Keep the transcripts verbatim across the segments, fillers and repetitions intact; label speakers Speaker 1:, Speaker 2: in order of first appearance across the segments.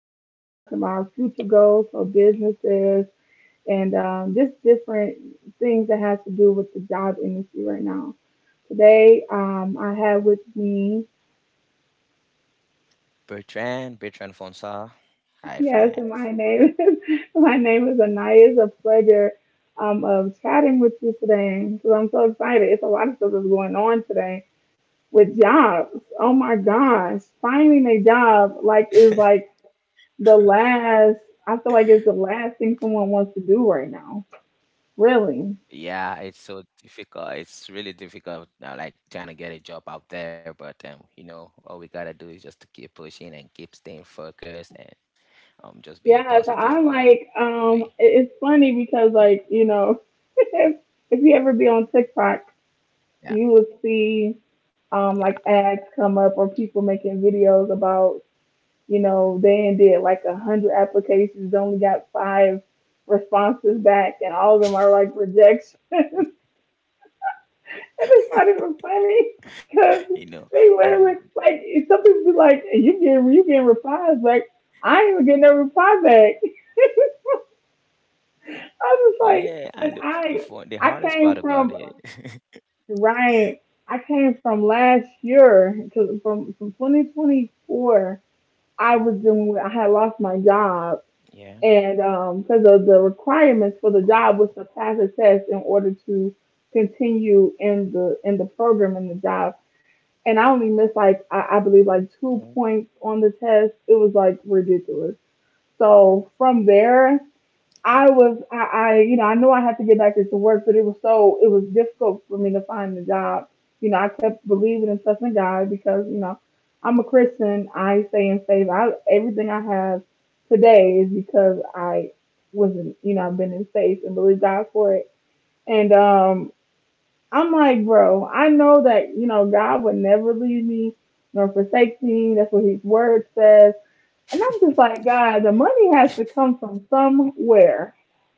Speaker 1: and we're talking about future goals for businesses and um, just different things that has to do with the job industry right now. Today, um, I have with me,
Speaker 2: Bertrand, Bertrand Fonsa. Hi,
Speaker 1: yes, and my
Speaker 2: friends.
Speaker 1: name is my name is Anaya. It's a pleasure um, of chatting with you today because I'm so excited. It's a lot of stuff that's going on today with jobs. Oh my gosh, finding a job like is like the last I feel like it's the last thing someone wants to do right now. Really.
Speaker 2: Yeah, it's so difficult. It's really difficult now, like trying to get a job out there. But um, you know, all we gotta do is just to keep pushing and keep staying focused and um, just being
Speaker 1: Yeah, so
Speaker 2: positive
Speaker 1: I'm
Speaker 2: all the
Speaker 1: like,
Speaker 2: way.
Speaker 1: um, it- it's funny because like, you know, if, if you ever be on TikTok,
Speaker 2: Yeah,
Speaker 1: you will see
Speaker 2: yeah,
Speaker 1: um like ads come up or people making videos about, you know, they ain't did like a hundred applications, only got five responses back and all of them are like rejection. And they thought it was funny
Speaker 2: you know,
Speaker 1: because
Speaker 2: and w-
Speaker 1: they literally like like, some people be like, "Hey, you getting you getting replies?" Like I ain't even getting no reply back. I was just
Speaker 2: yeah,
Speaker 1: like,
Speaker 2: and the
Speaker 1: and
Speaker 2: the fun, the hardest
Speaker 1: I I
Speaker 2: part about
Speaker 1: came
Speaker 2: it.
Speaker 1: from right. I came from last year to from from twenty twenty-four.
Speaker 2: Mm.
Speaker 1: I was doing. I had lost my job,
Speaker 2: Yeah.
Speaker 1: and um, because of the requirements for
Speaker 2: Oh,
Speaker 1: the job was to pass a test in order to continue in the in the program in the job. And I only missed like I, I believe like
Speaker 2: oh,
Speaker 1: two points on the test. It was like ridiculous. So from there, I was I, I you know I knew I had to get back into work, but it was so it was difficult for me to find a job. You know, I kept believing and trusting God because you know I'm a Christian. I stay in faith. I everything I have today is because I wasn't you know I've been in faith and believed God for it. And um I'm like, bro, I know that, you know, God would never leave me nor forsake me. That's what His word says. And I'm just like, God, the money has to come from somewhere.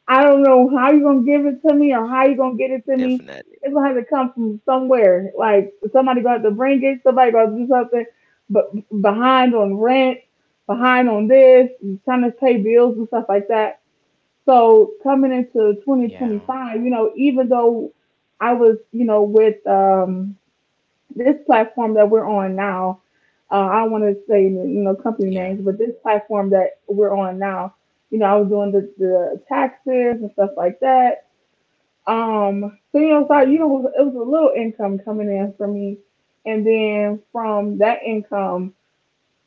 Speaker 1: I don't know how you're going to give it to me or how you're going to get
Speaker 2: definitely.
Speaker 1: it to me. It's going to have to come from somewhere. Like, somebody going to have to bring it. Somebody going to do something. But behind on rent, behind on this, trying to pay bills and stuff like that, so coming into
Speaker 2: Yeah.
Speaker 1: twenty twenty-five, you know, even though I was, you know, with um, this platform that we're on now, uh, I don't want to say, you know, company
Speaker 2: Yeah.
Speaker 1: names, but this platform that we're on now, you know, I was doing the, the taxes and stuff like that. Um, so you know, so I,
Speaker 2: Hmm.
Speaker 1: you know, it was it was a little income coming in for me, and then from that income,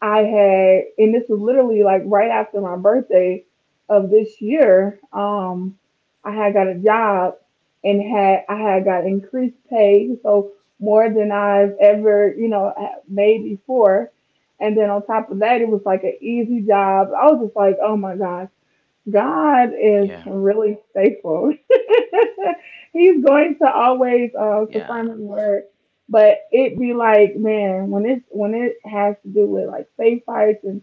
Speaker 1: I had, and this was literally like right after my birthday of this year, um, I had got a job and had I had got increased pay, so more than I've ever, you know, made before. And then on top of that, it was like an easy job. I was just like, oh my gosh,
Speaker 2: Yeah.
Speaker 1: God is really faithful. He's going to
Speaker 2: Yeah.
Speaker 1: always uh, confirm His word, but it be like, man, when it's when it has to do with like faith fights and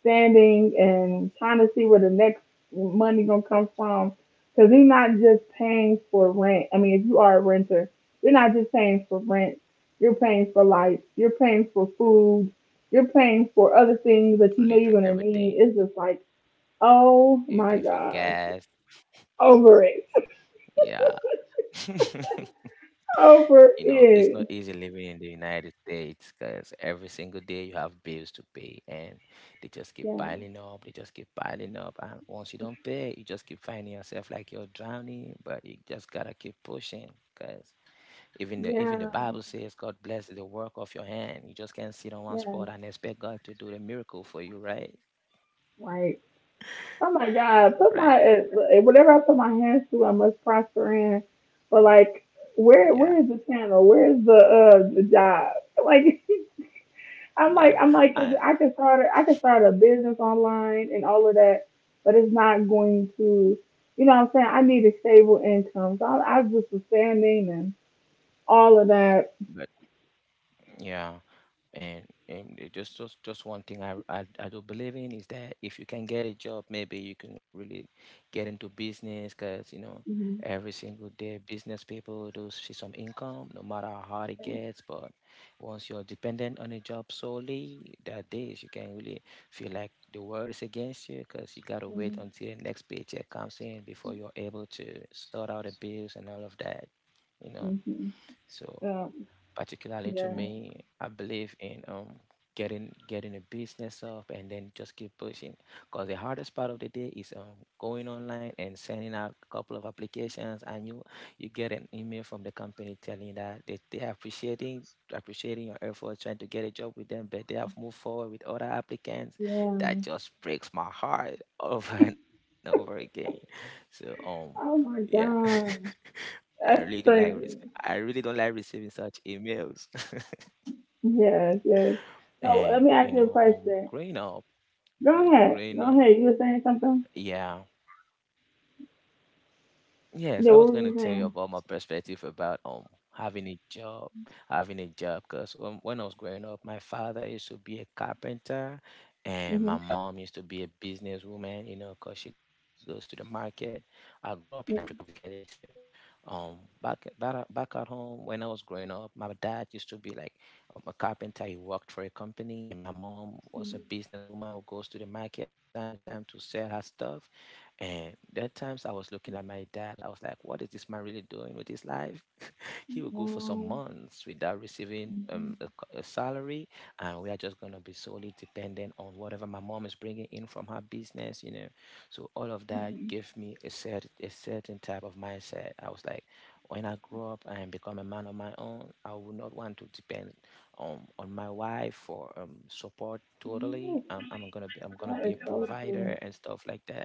Speaker 1: standing and trying to see where the next money gonna come from, because He's not just paying for rent. I mean, if you are a renter, you're not just paying for rent. You're paying for life. You're paying for food. You're paying for other things
Speaker 2: Literally
Speaker 1: that you know you're
Speaker 2: everything.
Speaker 1: gonna need. It's just like,
Speaker 2: You're paying for
Speaker 1: oh my
Speaker 2: gas.
Speaker 1: God. Over it.
Speaker 2: Yeah, you know,
Speaker 1: Over
Speaker 2: it's not easy
Speaker 1: it.
Speaker 2: living in the United States because every single day you have bills to pay, and they just keep piling
Speaker 1: Yeah.
Speaker 2: up, they just keep piling up. And once you don't pay, you just keep finding yourself like you're drowning, but you just gotta keep pushing, because even the even the Bible
Speaker 1: Yeah.
Speaker 2: says God bless the work of your hand. You just can't sit on one spot and
Speaker 1: Yeah.
Speaker 2: expect God to do the miracle for you, right?
Speaker 1: Like, oh my God. Put
Speaker 2: Right.
Speaker 1: my, uh, whatever I put my hands to, I must prosper in. But like, where,
Speaker 2: Yeah.
Speaker 1: where is the channel? Where is the, uh, the job? Like, I'm like,
Speaker 2: Yeah.
Speaker 1: I'm like, 'cause
Speaker 2: I,
Speaker 1: I could start, a, I could start a business online and all of that, but it's not going to, you know what I'm saying? I need a stable income. So I, I just was standing and all of that.
Speaker 2: but yeah. and and it just just just one thing I, I I do believe in is that if you can get a job, maybe you can really get into business, because you know every single day business people do see some income no matter how hard it gets. But once you're dependent on a job solely, that days you can really feel like the world is against you, because you gotta
Speaker 1: Mhm.
Speaker 2: wait until the next paycheck comes in before you're able to sort out the bills and all of that, you know.
Speaker 1: hmm
Speaker 2: so
Speaker 1: Um,
Speaker 2: particularly to
Speaker 1: yeah,
Speaker 2: me, I believe in um getting getting a business up and then just keep pushing, because the hardest part of the day is um going online and sending out a couple of applications, and you you get an email from the company telling you that they, they are appreciating appreciating your efforts trying to get a job with them, but they have moved forward with other applicants.
Speaker 1: yeah.
Speaker 2: That just breaks my heart over and over again. so um
Speaker 1: Oh
Speaker 2: yeah.
Speaker 1: my God,
Speaker 2: i really don't
Speaker 1: that's
Speaker 2: like risk I
Speaker 1: crazy.
Speaker 2: really don't like receiving such emails.
Speaker 1: Yes, yes. So
Speaker 2: And
Speaker 1: let me
Speaker 2: you
Speaker 1: ask
Speaker 2: know,
Speaker 1: you a
Speaker 2: um,
Speaker 1: question.
Speaker 2: growing up, great,
Speaker 1: Go
Speaker 2: growing
Speaker 1: ahead, go
Speaker 2: up,
Speaker 1: ahead. You were saying something?
Speaker 2: yeah. Yes, I was
Speaker 1: Yeah,
Speaker 2: going
Speaker 1: what
Speaker 2: to
Speaker 1: were
Speaker 2: tell
Speaker 1: you
Speaker 2: you about
Speaker 1: saying?
Speaker 2: my perspective about um having a job, having a job. Cause um, when I was growing up, my father used to be a carpenter, and my
Speaker 1: Mm-hmm.
Speaker 2: mom used to be a businesswoman. You know, cause she goes to the market. I grew up in Africa, basically, so um back back at- back at home when I was growing up, my dad used to be like um, a carpenter. He worked for a company, and my mom was a businesswoman who goes to the market from time to time to sell her stuff. And there are times I was looking at my dad, I was like, what is this man really doing with his life? He will go for some
Speaker 1: Wow.
Speaker 2: months without receiving um, a, c-
Speaker 1: Mhm.
Speaker 2: a salary, and we are just going to be solely dependent on whatever my mom is bringing in from her business, you know. So all of that gave
Speaker 1: Mhm.
Speaker 2: me a, cert- a certain type of mindset. I was like, when I grow up and become a man on my own, I will not want to depend um, on my wife for um, support totally. Um, I'm gonna be, I'm gonna be a
Speaker 1: That is so
Speaker 2: provider and
Speaker 1: true.
Speaker 2: stuff like that.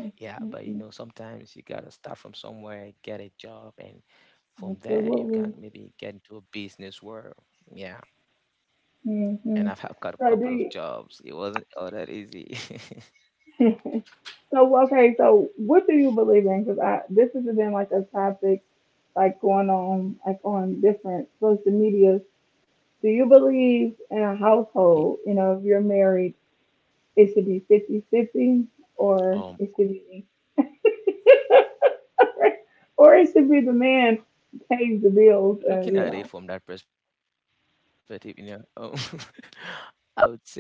Speaker 2: Yeah, but you know,
Speaker 1: Mm-mm.
Speaker 2: sometimes you gotta start from somewhere, get a job, and from there you can
Speaker 1: Absolutely.
Speaker 2: maybe get into a business world. Yeah, and I've
Speaker 1: Mm-hmm.
Speaker 2: had got a
Speaker 1: So
Speaker 2: couple of
Speaker 1: do
Speaker 2: jobs. It wasn't all that easy.
Speaker 1: so okay, so what do you believe in? Because I this has been like a topic like going on like on different social media. Do you believe in a
Speaker 2: Y-
Speaker 1: household? You know, if you're married, it should be fifty-fifty,
Speaker 2: Um,
Speaker 1: or it should be or it should be
Speaker 2: Looking
Speaker 1: the
Speaker 2: at it from
Speaker 1: man
Speaker 2: that perspective, you
Speaker 1: pays
Speaker 2: know,
Speaker 1: the
Speaker 2: um,
Speaker 1: bills. Uh, you know.
Speaker 2: I would say I haven't I haven't really thought of that much because um,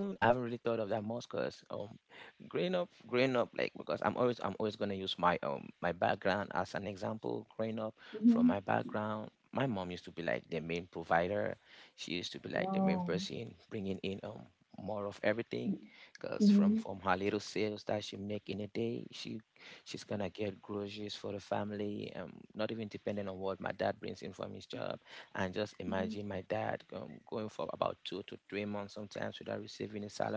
Speaker 2: growing up growing up like because i'm always I'm always going to use my um my background as an example. Growing up from my background, my mom used to be like
Speaker 1: hmm
Speaker 2: the main provider. She used to be like the main person bringing in um
Speaker 1: Wow.
Speaker 2: more of everything, because from from her little sales that she
Speaker 1: Mm-hmm.
Speaker 2: make in a day, she she's gonna get groceries for the family, um, not even depending on what my dad brings in from his job. And just imagine my dad um, going
Speaker 1: Yes.
Speaker 2: for about two to three months sometimes without receiving a salary. that used to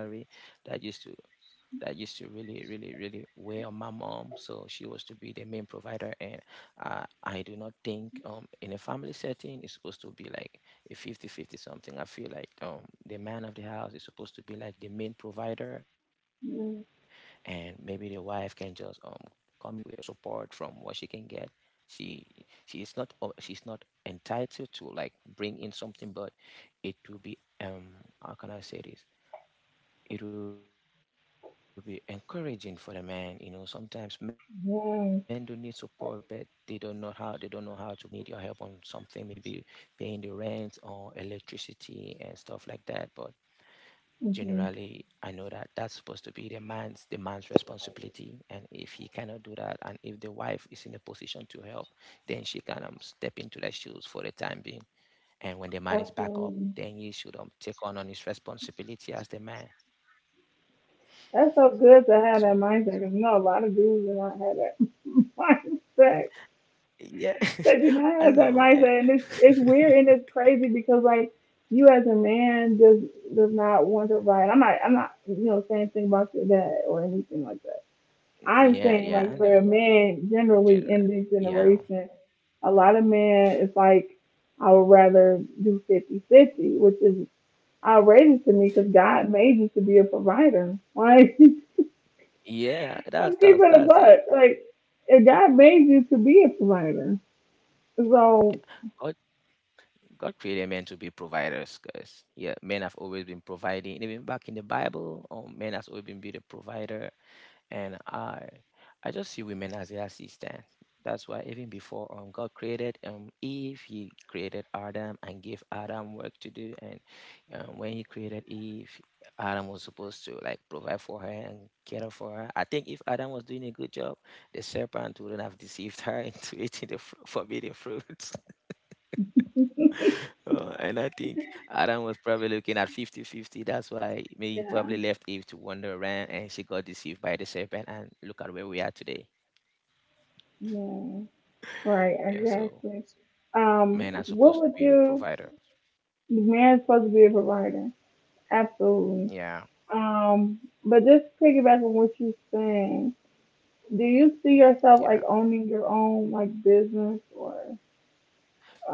Speaker 2: that used to really really really weigh on my mom. So she was to be the main provider. And i i do not think um in a family setting it's supposed to be like a fifty fifty something. I feel like um the man of the house is supposed to be like the main provider, and maybe the wife can just um come in with a support from what she can get. she she is not o- she's not entitled to like bring in something, but it will be um, how can I say this, it will be encouraging for the man. You know, sometimes men do need support, but they don't know how they don't know how to bring it up to um, their
Speaker 1: Mm-hmm.
Speaker 2: wife and tell them that, okay, baby, um, I need your help on something, maybe paying the rent or electricity and stuff like that. But
Speaker 1: Mm-hmm.
Speaker 2: generally I know that that's supposed to be the man's the man's responsibility, and if he cannot do that, and if the wife is in a position to help, then she can um, step into the shoes for the time being. And when the man is back up,
Speaker 1: Absolutely.
Speaker 2: then you should um, take on on his responsibility as the man.
Speaker 1: That's so good to have
Speaker 2: So
Speaker 1: that mindset because you know a lot of dudes do not have that mindset.
Speaker 2: yeah,
Speaker 1: They do not
Speaker 2: I
Speaker 1: have that
Speaker 2: know. eh,
Speaker 1: mindset, and it's it's weird and it's crazy because like you as a man does does not want to provide. I'm not I'm not you know saying anything about your dad or anything like that. I'm
Speaker 2: Yeah,
Speaker 1: saying
Speaker 2: yeah,
Speaker 1: like
Speaker 2: I
Speaker 1: for a
Speaker 2: know.
Speaker 1: man generally
Speaker 2: Gener-
Speaker 1: in this
Speaker 2: Yeah,
Speaker 1: generation, a lot of men it's like I would rather do fifty fifty, which is outrageous to me because God made you to be a provider. Like,
Speaker 2: yeah. That's
Speaker 1: I'm
Speaker 2: that's
Speaker 1: keeping a
Speaker 2: that's it.
Speaker 1: buck. Like, and God made you to be a provider.
Speaker 2: Yeah,
Speaker 1: So,
Speaker 2: God God created men to be providers, guys. Yeah, men have always been providing. Even back in the Bible, um, men has always been be the provider. And I I just see women as the assistant. That's why even before um God created um Eve, He created Adam and gave Adam work to do. And um, when He created Eve, Adam was supposed to like provide for her and care for her. I think if Adam was doing a good job, the serpent wouldn't have deceived her into eating the fru- forbidden fruit. Uh, and I think Adam was probably looking at fifty-fifty. That's why maybe he
Speaker 1: yeah,
Speaker 2: probably left Eve to wander around, and she got deceived by the serpent. And look at where we are today.
Speaker 1: yeah, right,
Speaker 2: Yeah, so
Speaker 1: exactly. Um,
Speaker 2: men are
Speaker 1: what
Speaker 2: supposed to
Speaker 1: would
Speaker 2: be the
Speaker 1: you,
Speaker 2: providers.
Speaker 1: the man's supposed to be a provider. Absolutely.
Speaker 2: Yeah,
Speaker 1: Um, but just piggyback on what you're saying, do you see yourself
Speaker 2: yeah.
Speaker 1: like owning your own like business or,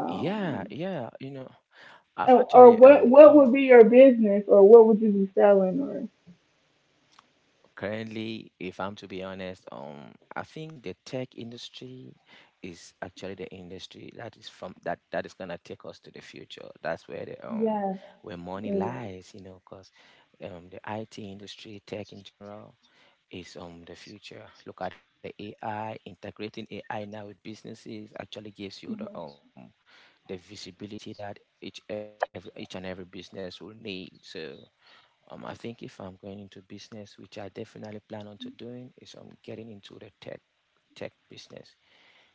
Speaker 2: Yeah, yeah. You know, I've
Speaker 1: or or
Speaker 2: actually um
Speaker 1: what, what
Speaker 2: um
Speaker 1: would be your business or what would you be selling or?
Speaker 2: currently, if I'm to be honest, um I think the tech industry is actually the industry that is from that that is gonna take us to the future. That's where the um
Speaker 1: Yes.
Speaker 2: where money
Speaker 1: Yes.
Speaker 2: lies, you know, 'cause um, the I T industry, tech in general, is um the future. Look at the A I, integrating A I now with businesses actually gives you the um
Speaker 1: Mhm.
Speaker 2: the visibility that each every each and every business will need. So um I think if I'm going into business, which I definitely plan on to doing, is um getting into the tech tech business. Yeah.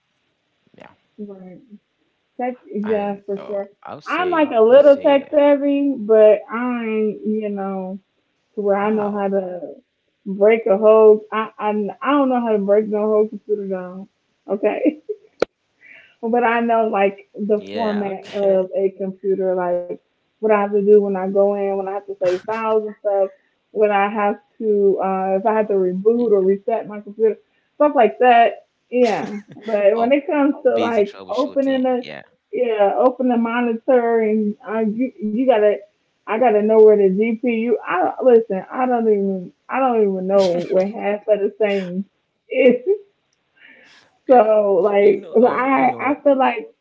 Speaker 1: Right.
Speaker 2: And
Speaker 1: Tech,
Speaker 2: uh, I'll
Speaker 1: yeah, for sure.
Speaker 2: say I'll
Speaker 1: I'm
Speaker 2: say
Speaker 1: like a little tech savvy, but I'm, you know,
Speaker 2: wow.
Speaker 1: to where I know how to break a whole. I I, I don't know how to break no whole computer down. Okay. But I know like
Speaker 2: Yeah,
Speaker 1: the
Speaker 2: okay.
Speaker 1: format of a computer, like what I have to do when I go in, when I have to save files and stuff, when I have
Speaker 2: Um,
Speaker 1: to, uh, if
Speaker 2: yeah.
Speaker 1: I have to reboot or reset my computer, stuff like that. Yeah.
Speaker 2: Oh,
Speaker 1: But when it
Speaker 2: busy
Speaker 1: comes to
Speaker 2: troubleshooting.
Speaker 1: like
Speaker 2: Yeah.
Speaker 1: opening a, yeah, open the monitor and uh, you, you gotta, I gotta know where the G P U. I don't- listen. I don't even. I don't even know what half of the things is. So
Speaker 2: You know,
Speaker 1: like,
Speaker 2: um,
Speaker 1: but
Speaker 2: you know,
Speaker 1: I I feel like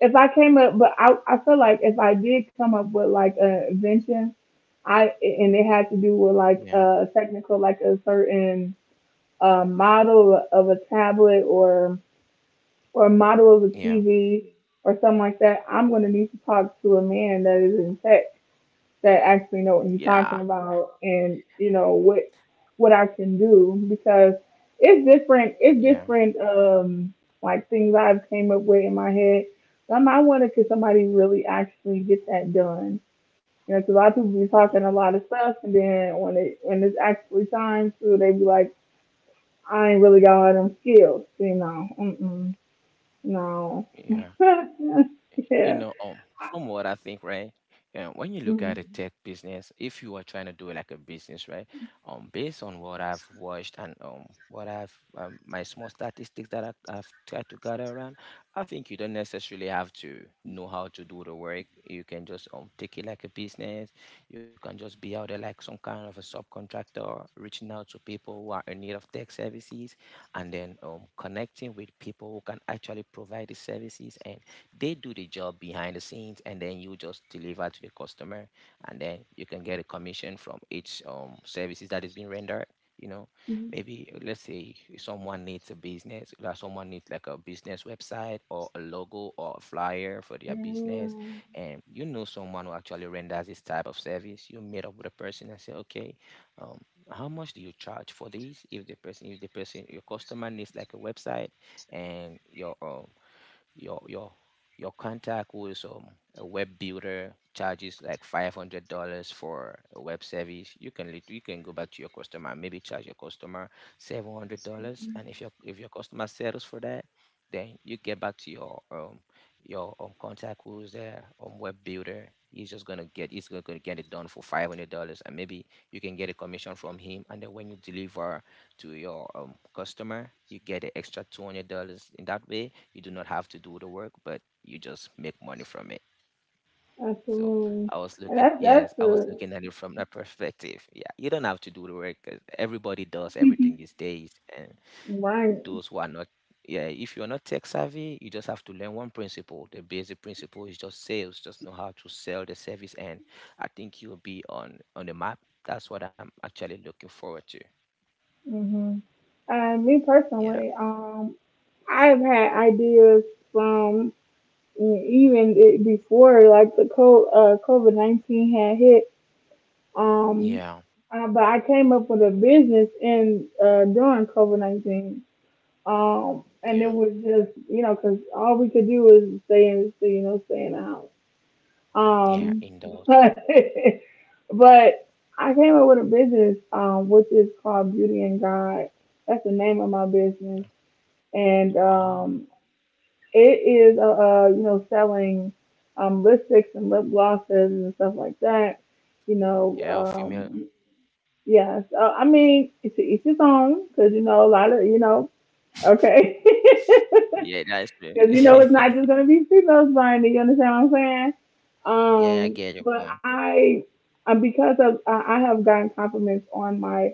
Speaker 1: if I came up, but I, I feel like if I did come up with like an invention, I and it had to do with
Speaker 2: yeah,
Speaker 1: like a technical, like a certain uh, model of a tablet or or a model of a
Speaker 2: yeah,
Speaker 1: T V or something like that. I'm going to need to talk to a man that is in tech that actually know what he's
Speaker 2: yeah,
Speaker 1: talking about and you know what what I can do because it's different it's
Speaker 2: yeah,
Speaker 1: different um like things I've came up with in my head. Some I wonder could somebody really actually get that done. You know, 'cause a lot of people be talking
Speaker 2: mm,
Speaker 1: a lot of stuff, and then when it when it's actually time to, they be like, "I ain't really got all them skills," you know. Mm-mm, no.
Speaker 2: yeah. You
Speaker 1: Yeah.
Speaker 2: know, um, from what I think, right? And when you look at a
Speaker 1: Mm.
Speaker 2: tech business, if you are trying to do it like a business, right? Um, based on what I've watched and um, what I've um, my small statistics that I, I've tried to gather around, I think you don't necessarily have to know how to do the work. You can just um take it like a business. You can just be out there like some kind of a subcontractor, reaching out to people who are in need of tech services, and then um connecting with people who can actually provide the services. They do the job behind the scenes, and then you just deliver to the customer, and then you can get a commission from each um services that is being rendered. You know, maybe uh, let's say someone needs a business, like someone needs like a business website or a logo or a flyer for their
Speaker 1: Yeah.
Speaker 2: business, and you know someone who actually renders this type of service. You meet up with a person and say, okay, um, how much do you charge for this? If the person, if the person, your customer, needs like a website, and your um, your your your contact who is um, a web builder charges like five hundred dollars for a web service. You can lit- you can go back to your customer and maybe charge your customer seven hundred dollars, and if your if your customer settles for that. Then you get back to your um your um contact who's there um web builder. He's just gonna get he's gonna, gonna get it done for five hundred dollars, and maybe you can get a commission from him. And then when you deliver to your um customer, you get an extra two hundred dollars. In that way, you do not have to do the work, but you just make money from it. So
Speaker 1: Absolutely.
Speaker 2: I was
Speaker 1: And
Speaker 2: looking
Speaker 1: that's
Speaker 2: Yes,
Speaker 1: that's
Speaker 2: I was
Speaker 1: the
Speaker 2: looking at it from that perspective. Yeah, you don't have to do the work 'cause everybody does everything these days. And
Speaker 1: right.
Speaker 2: those who are not yeah, if you're not tech savvy, you just have to learn one principle. The basic principle is just sales. Just know how to sell the service. And I think you'll be on on the map. That's what I'm actually looking forward to.
Speaker 1: Hmm. Uh, me
Speaker 2: Yeah.
Speaker 1: personally, um, I've had ideas from mm, even it before like the co- uh, COVID nineteen had hit. Um,
Speaker 2: Yeah.
Speaker 1: uh, but I came up with a business in uh, during COVID nineteen. Um, and
Speaker 2: Yeah.
Speaker 1: it was just you know because all we could do was stay in stay, you know stay in the house.
Speaker 2: Yeah,
Speaker 1: Um,
Speaker 2: indoors.
Speaker 1: but, but I came up with a business, um, which is called Beauty and God. That's the name of my business, and
Speaker 2: Wow.
Speaker 1: um, it is uh, uh you know selling um lipsticks and lip glosses and stuff like that. You know,
Speaker 2: Yeah, female.
Speaker 1: um, yeah. So I mean, it's each his own, because you know a lot of you know. Okay.
Speaker 2: Yeah, that's
Speaker 1: Because you know it's
Speaker 2: right.
Speaker 1: not just gonna be females buying it. You understand what I'm saying?
Speaker 2: Yeah, I
Speaker 1: Um,
Speaker 2: get your
Speaker 1: but
Speaker 2: point.
Speaker 1: I, uh, because of I I have gotten compliments on my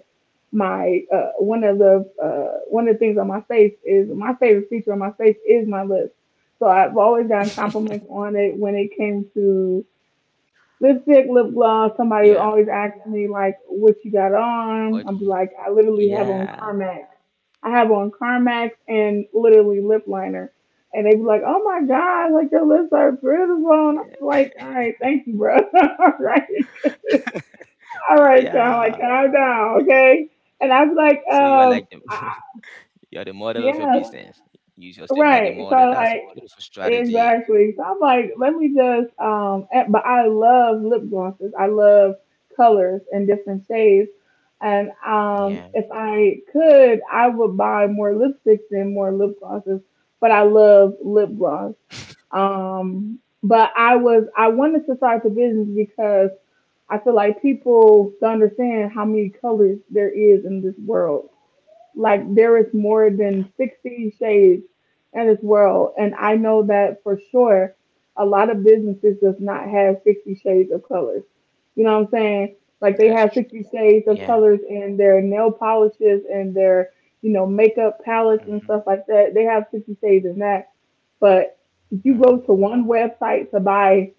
Speaker 1: my uh, one of the uh, one of the things on my face is my favorite feature on my face is my lips. So I've always gotten compliments on it when it came to lipstick, lip gloss. Somebody
Speaker 2: Yeah.
Speaker 1: always asks me like, "What you got on?"
Speaker 2: What
Speaker 1: I
Speaker 2: do
Speaker 1: am
Speaker 2: you,
Speaker 1: like, "I literally have on
Speaker 2: yeah.
Speaker 1: Carmax. I have on Carmax and literally lip liner." And they be like, "Oh my God, like your lips are beautiful." And I'm
Speaker 2: Yeah.
Speaker 1: like, "All right, thank you, bro. All right, all right, kind
Speaker 2: Yeah.
Speaker 1: like calm down, okay?" And I was like,
Speaker 2: So you are like
Speaker 1: "Um,
Speaker 2: the
Speaker 1: I,
Speaker 2: you're the model of your
Speaker 1: yeah,
Speaker 2: business. Use yourself like a
Speaker 1: right." So
Speaker 2: model. That's a
Speaker 1: like.
Speaker 2: beautiful strategy.
Speaker 1: Exactly. So I'm like, let me just um and- but I love lip glosses. I love colors and different shades. And um
Speaker 2: Yeah.
Speaker 1: if I could, I would buy more lipsticks than more lip glosses, but I love lip gloss. Um but I was I wanted to start the business because I feel like people don't understand how many colors there is in this world, like there is more
Speaker 2: Yeah.
Speaker 1: than sixty shades in this world. And I know that for sure a lot of businesses does not have sixty shades of colors. You know what I'm saying?
Speaker 2: That's
Speaker 1: Like they
Speaker 2: true.
Speaker 1: have sixty shades
Speaker 2: Yeah.
Speaker 1: of colors in their nail polishes and their, you know, makeup palettes
Speaker 2: Mm-hmm.
Speaker 1: and stuff like that. They have sixty shades in that. But if you
Speaker 2: Mm-hmm.
Speaker 1: go to one website to buy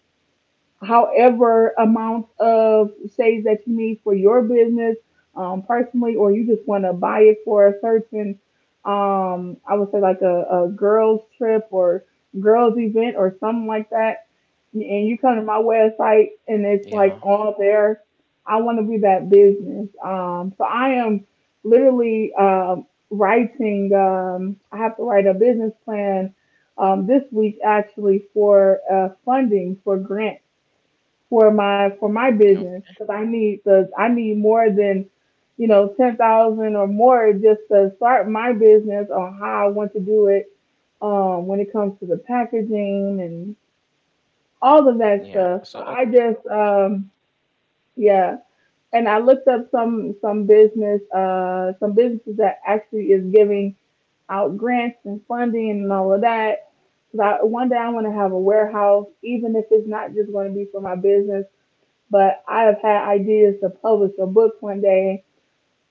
Speaker 1: however amount of shades that you need for your business, um, personally, or you just want to buy it for a certain, um, I would say like a, a girls trip or girls event or something like that. And you come to my website and it's like
Speaker 2: Yeah.
Speaker 1: all there. I want to be that business. Um, so I am literally um, writing. Um, I have to write a business plan um, this week actually for uh, funding, for grant for my for my
Speaker 2: No.
Speaker 1: business because I need the I need more than, you know, ten thousand or more just to start my business on how I want to do it, um, when it comes to the packaging and all of that
Speaker 2: Yeah.
Speaker 1: stuff. So
Speaker 2: So
Speaker 1: I
Speaker 2: okay.
Speaker 1: just um, yeah, and I looked up some some business uh, some businesses that actually is giving out grants and funding and all of that. Cause I, one day I want to have a warehouse, even if it's not just going to be for my business, but I have had ideas to publish a book one day.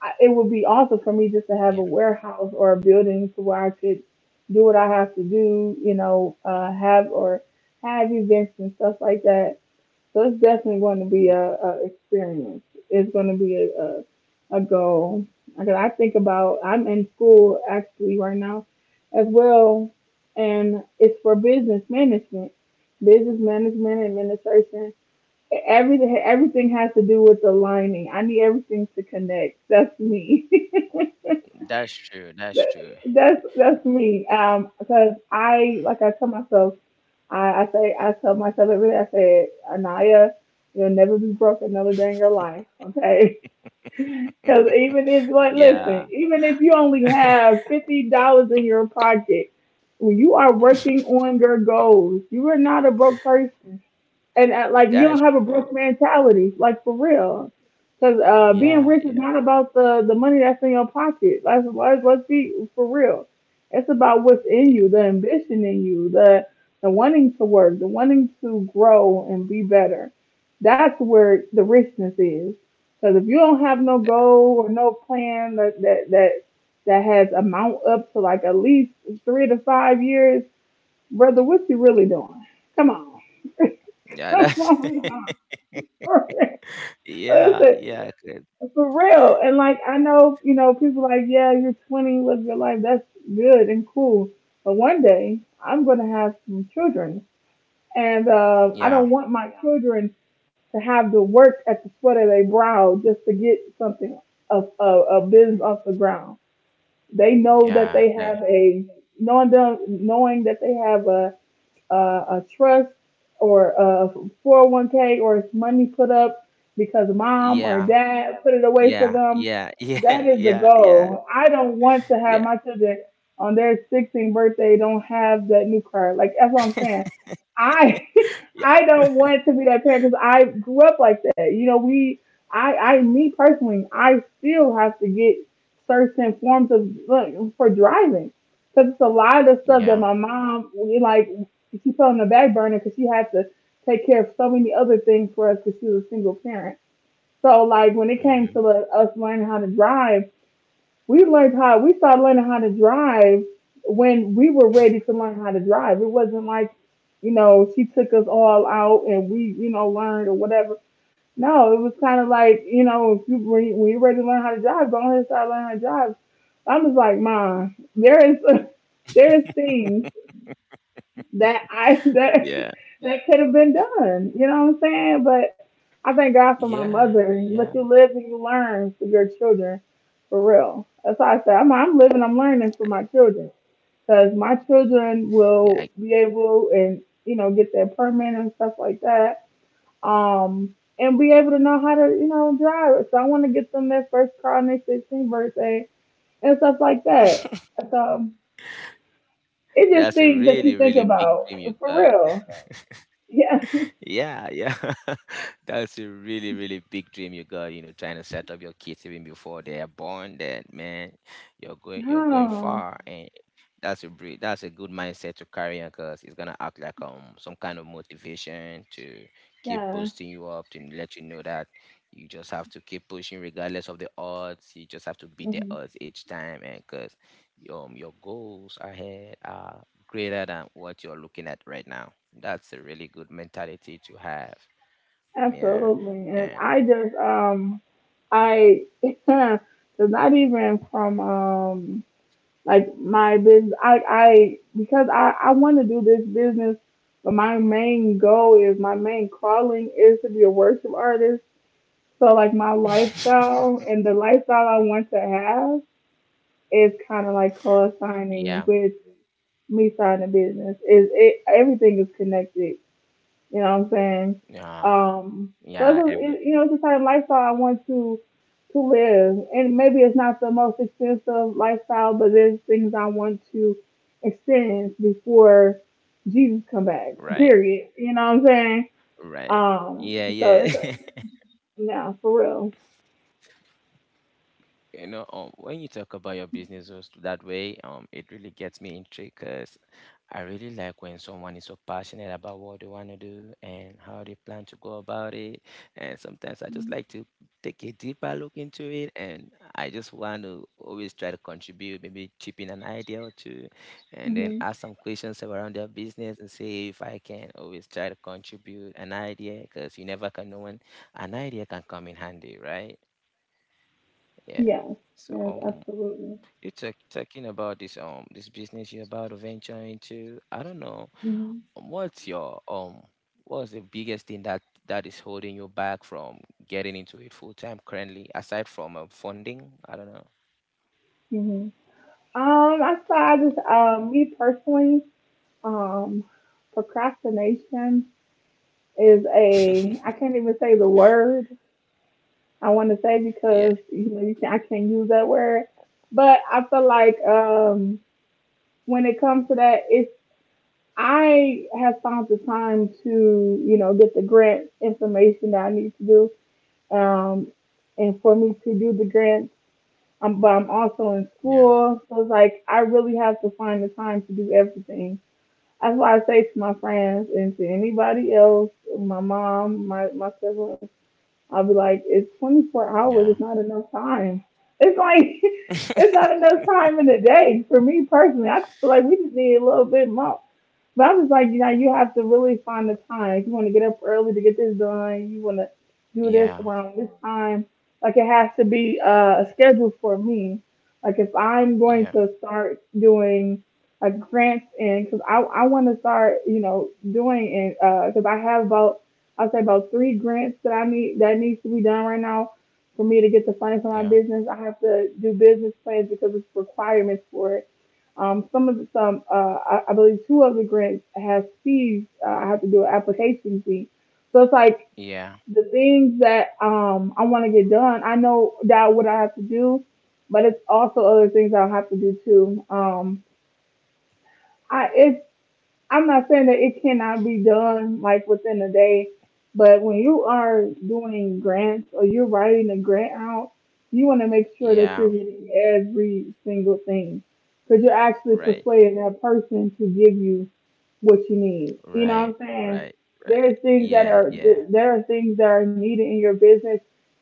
Speaker 1: I, it would be awesome for me just to have a
Speaker 2: Yeah,
Speaker 1: warehouse or a building to where I could do what I have to do, you know, uh, have or have events and stuff like that. So it's definitely going to be
Speaker 2: yeah,
Speaker 1: a, a experience. It's going to be a, a, a goal. Because I think about, I'm in school actually right now as well, and it's for business management, business management administration. Everything everything has to do with aligning. I need everything to connect. That's me.
Speaker 2: that's true. That's
Speaker 1: That-
Speaker 2: true.
Speaker 1: that's that's me. Um, because I like I tell myself, I, I say I tell myself every day. I say, Anaya, you'll never be broke another day in your life. Okay. Because even if like, listen,
Speaker 2: Yeah.
Speaker 1: even if you only have fifty dollars in your pocket, when you are working on your goals, you are not a broke person, and uh, like, you don't
Speaker 2: That's
Speaker 1: have a broke
Speaker 2: true.
Speaker 1: mentality, like for real. Because uh, being rich
Speaker 2: Yeah.
Speaker 1: is not
Speaker 2: Yeah.
Speaker 1: about the the money that's in your pocket. Let's, let's let's be for real. It's about what's in
Speaker 2: Yeah.
Speaker 1: you, the ambition in you, the the wanting to work, the wanting to grow and be better. That's where the richness is. Because if you don't have no
Speaker 2: that-
Speaker 1: goal or no plan that that that that has amount up to like at least three to five years, brother, what you really doing? Come on,
Speaker 2: Yeah.
Speaker 1: come
Speaker 2: That's
Speaker 1: on.
Speaker 2: yeah. Yeah. 'cause-
Speaker 1: For real. And like I know, you know, people like, yeah, you're twenty, live your life. That's good and cool. But one day I'm gonna have some children, and uh, I don't
Speaker 2: Yeah.
Speaker 1: want my children to have to work at the sweat of their brow just to get something a, a, a business off the ground. They know that they
Speaker 2: Yeah.
Speaker 1: have
Speaker 2: that-
Speaker 1: a Knowing them, knowing that they have a uh, a trust or a four oh one k, or it's money put up because mom or
Speaker 2: Yeah.
Speaker 1: dad put it away for
Speaker 2: Yeah,
Speaker 1: them.
Speaker 2: yeah, yeah,
Speaker 1: That is the
Speaker 2: yeah,
Speaker 1: goal.
Speaker 2: yeah,
Speaker 1: I don't want to have my
Speaker 2: yeah,
Speaker 1: children on their sixteenth birthday don't have that new car. Like, that's what I'm saying. I
Speaker 2: yeah,
Speaker 1: I don't want to be that parent because I grew up like that. You know, we I I me personally, I still have to get certain forms of look for driving because it's a lot of stuff that my
Speaker 2: yeah,
Speaker 1: mom we like. And she put on the back burner because she had to take care of so many other things for us because she was a single parent. So like, when it came to
Speaker 2: mhm,
Speaker 1: the, us learning how to drive, we learned how we started learning how to drive when we were ready to learn how to drive. It wasn't like, you know, she took us all out and we, you know, learned or whatever. No, it was kind of like, you know, if you when you are ready to learn how to drive, go ahead and start learning how to drive. I was like, Mom, there is there is things that I that
Speaker 2: yeah,
Speaker 1: that could have been done. You know what I'm saying? But I thank God for my
Speaker 2: yeah,
Speaker 1: mother.
Speaker 2: yeah,
Speaker 1: But you live and you learn for your children, for real. That's why I said I'm, I'm living, I'm learning for my children, because my children
Speaker 2: yeah. I-
Speaker 1: will be able and you know get their permit and stuff like that. Um. And be able to know how to, you know, drive. So I want to get them their first car on their sixteenth birthday and stuff like that. So it's just
Speaker 2: That's a
Speaker 1: things that you
Speaker 2: really,
Speaker 1: think
Speaker 2: really big
Speaker 1: about,
Speaker 2: dream you
Speaker 1: for
Speaker 2: got.
Speaker 1: real. Yeah.
Speaker 2: Yeah, yeah. That's a really, really big dream you got. You know, trying to set up your kids even before they are born, that man, you're going you're going
Speaker 1: Oh,
Speaker 2: far. And that's a bre- that's a good mindset to carry on because it's gonna act like um some kind of motivation to keep
Speaker 1: yeah.
Speaker 2: boosting you up, to let you know that you just have to keep pushing regardless of the odds. You just have to beat the
Speaker 1: Hmm.
Speaker 2: odds each time. And because um your goals ahead are greater than what you're looking at right now. That's a really good mentality to have. Yeah.
Speaker 1: Absolutely. And
Speaker 2: And
Speaker 1: I just, um, I, it's not even from, um, like, my business. I, I, because I, I want to do this business, but my main goal is, my main calling is to be a worship artist. So like my lifestyle and the lifestyle I want to have is kind of like co-signing
Speaker 2: yeah.
Speaker 1: with me starting a business. Is it, everything is connected. You know what I'm saying?
Speaker 2: Yeah.
Speaker 1: Um, so it's
Speaker 2: Yeah.
Speaker 1: a, it, you
Speaker 2: Everything.
Speaker 1: know, it's the type of lifestyle I want to to live, and maybe it's not the most expensive lifestyle, but there's things I want to experience before Jesus come back.
Speaker 2: Right.
Speaker 1: Period. You know what I'm saying?
Speaker 2: Right.
Speaker 1: Um,
Speaker 2: Yeah.
Speaker 1: so
Speaker 2: Yeah.
Speaker 1: it's a no, for real.
Speaker 2: You know, um when you talk about your businesses that way, um it really gets me intrigued because I really like when someone is so passionate about what they want to do and how they plan to go about it. And sometimes I just like to take a deeper look into it, and I just want to always try to contribute, maybe chip in an idea or two, and then
Speaker 1: Mm-hmm.
Speaker 2: ask some questions around their business and see if I can always try to contribute an idea, because you never can know when an idea can come in handy, right? Yeah.
Speaker 1: Yes,
Speaker 2: So
Speaker 1: yes,
Speaker 2: um
Speaker 1: absolutely.
Speaker 2: you talk, talking about this um this business you're about to venture into, I don't know.
Speaker 1: Hmm.
Speaker 2: um, what's your um what's the biggest thing that that is holding you back from getting into it full time currently, aside from um, funding? I don't know.
Speaker 1: Hmm. Um, I saw I
Speaker 2: What?
Speaker 1: just um me personally, um procrastination. Is a I can't even say the word I want to say
Speaker 2: Yeah.
Speaker 1: because you know you can, I can't use that word, but I feel like um, when it comes to that, it's I have found the time to you know get the grant information that I need to do, um, and for me to do the grant, um, but I'm also in
Speaker 2: Yeah.
Speaker 1: school, so it's like I really have to find the time to do everything. That's why I say to my friends and to anybody else, my mom, my my siblings, I'll be like, it's twenty-four hours.
Speaker 2: Yeah.
Speaker 1: It's not enough time. It's like, it's not enough time in the day for me personally. I feel like we just need a little bit more. But I was like, you know, you have to really find the time. If you want to get up early to get this done, you want to do this
Speaker 2: Yeah.
Speaker 1: around this time. Like, it has to be uh, a schedule for me. Like if I'm going
Speaker 2: Yeah.
Speaker 1: to start doing like grants, and because I I want to start you know doing, and because I have about, I will say about three grants that I need that needs to be done right now for me to get the funding for my
Speaker 2: Yeah.
Speaker 1: business. I have to do business plans because it's requirements for it. um, some of the, some, uh, I, I believe two of the grants have fees. Uh, I have to do an application fee. So it's like
Speaker 2: Yeah.
Speaker 1: the things that, um, I want to get done. I know that what I have to do, but it's also other things I'll have to do too. Um, I, it's I'm not saying that it cannot be done like within a day, but when you are doing grants or you're writing a grant out, you want to make sure that you're
Speaker 2: Yeah.
Speaker 1: hitting every single thing because you're actually
Speaker 2: Right.
Speaker 1: persuading that person to give you what you need. You know what
Speaker 2: Right.
Speaker 1: I'm saying?
Speaker 2: Right. Right.
Speaker 1: There's things that
Speaker 2: Yeah.
Speaker 1: are
Speaker 2: Yeah.
Speaker 1: there are things that are needed in your business,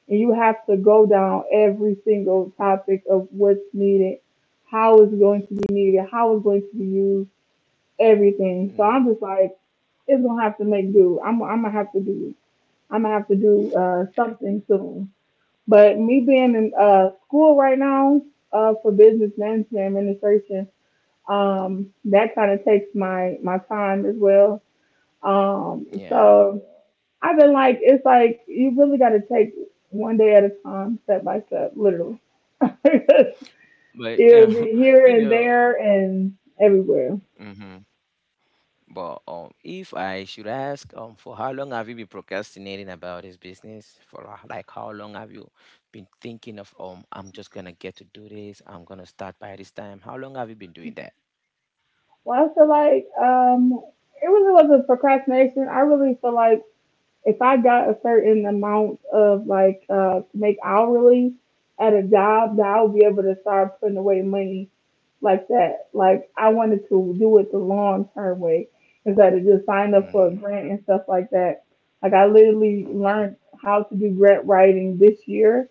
Speaker 1: and you have to go down every single topic of what's needed, how it's going to be needed, how it's going to be used, everything. So
Speaker 2: Mm.
Speaker 1: I'm just like, it's gonna have to make do. I'm I'm gonna have to do. I'm gonna have to do uh, something soon. But me being in uh, school right now uh, for business management administration, um, that kind of takes my my time as well. Um,
Speaker 2: Yeah.
Speaker 1: so I've been like, it's like you really got to take one day at a time, step by step, literally. It'll
Speaker 2: But you know.
Speaker 1: be here
Speaker 2: You
Speaker 1: and
Speaker 2: know.
Speaker 1: there and everywhere.
Speaker 2: Mhm. But um, if I should ask, um, for how long have you been procrastinating about this business? For uh, like, how long have you been thinking of, um, I'm just gonna get to do this. I'm gonna start by this time. How long have you been doing that?
Speaker 1: Well, I feel like um, it really wasn't procrastination. I really feel like if I got a certain amount of like uh, to make hourly at a job, that I would be able to start putting away money like that. Like I wanted to do it the long term way instead of just sign up for a
Speaker 2: Mm.
Speaker 1: grant and stuff like that. Like I literally
Speaker 2: Okay,
Speaker 1: learned how to do grant writing this year,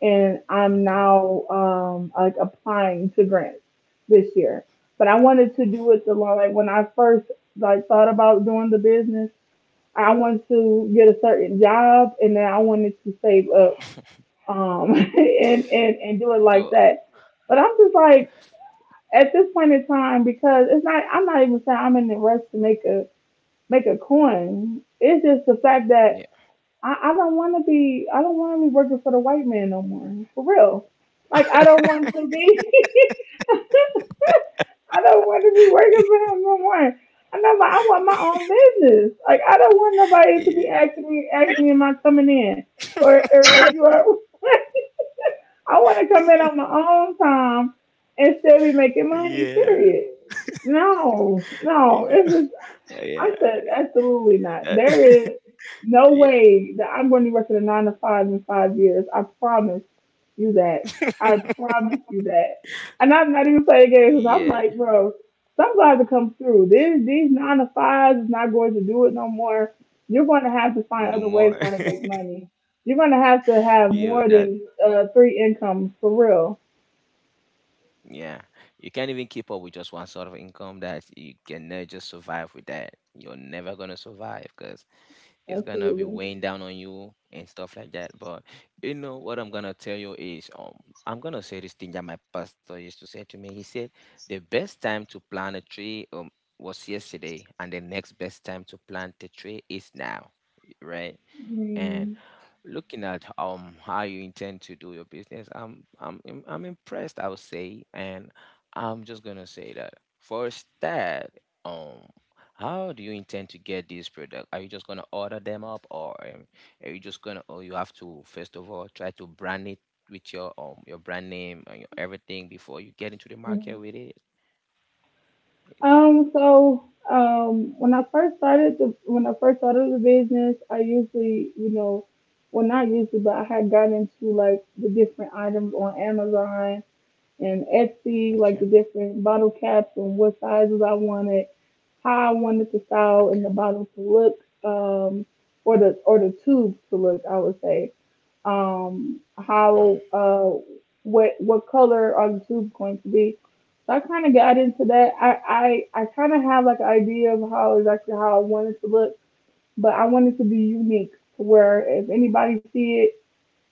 Speaker 1: and I'm
Speaker 2: okay.
Speaker 1: now um like applying to grants this year. But I wanted to do it the long, like when I first like thought about doing the business, I wanted to get a certain job and then I wanted to save up um and, and, and do it like
Speaker 2: So
Speaker 1: that. But I'm just like at this point in time, because it's not, I'm not even saying I'm in the rush to make a make a coin. It's just the fact that
Speaker 2: yeah,
Speaker 1: I, I don't want to be. I don't want to be working for the white man no more. For real. Like I don't want to be. I don't want to be working for him no more. I know, but I want my own business. Like I don't want nobody to be
Speaker 2: yeah,
Speaker 1: asking me, asking me, am I coming in, or or if you are. I want to come in on my own time and still be making money.
Speaker 2: yeah,
Speaker 1: Period. No, no,
Speaker 2: you know,
Speaker 1: it's
Speaker 2: yeah,
Speaker 1: I said, absolutely not.
Speaker 2: that,
Speaker 1: There is no
Speaker 2: yeah,
Speaker 1: way that I'm going to be working a nine to five in five years. I promise you that. I promise you that. And I'm not even playing games because 'cause I'm
Speaker 2: yeah.
Speaker 1: like, bro, some guys will come through. These, these nine to fives is not going to do it no more. You're going to have to find
Speaker 2: No
Speaker 1: other ways
Speaker 2: more.
Speaker 1: how to make money. You're going to have to have
Speaker 2: You know,
Speaker 1: more
Speaker 2: that.
Speaker 1: than uh, three incomes for real.
Speaker 2: Yeah, you can't even keep up with just one sort of income. That you can never just survive with that. You're never gonna survive because it's gonna be
Speaker 1: Absolutely.
Speaker 2: weighing down on you and stuff like that. But you know what I'm gonna tell you is, um I'm gonna say this thing that my pastor used to say to me. He said the best time to plant a tree um was yesterday, and the next best time to plant the tree is now, right? And
Speaker 1: Mm.
Speaker 2: looking at um how you intend to do your business, i'm i'm i'm I'm impressed, I would say. And I'm just gonna say that first, that um how do you intend to get this product? Are you just gonna order them up, or um, are you just gonna or you have to first of all try to brand it with your um your brand name and your everything before you get into the market with it?
Speaker 1: Um, so um, when I first started the when I first started the business, I usually, you know, well not usually, but I had gotten into like the different items on Amazon and Etsy, like
Speaker 2: Okay.
Speaker 1: the different bottle caps and what sizes I wanted, how I wanted the style
Speaker 2: Okay.
Speaker 1: and the bottle to look, um, or the or the tube to look, I would say. Um,
Speaker 2: No.
Speaker 1: how uh, what what color are the tubes going to be? So I kind of got into that. I I, I kind of have like an idea of how exactly how I wanted to look, but I wanted to be unique to where if anybody see it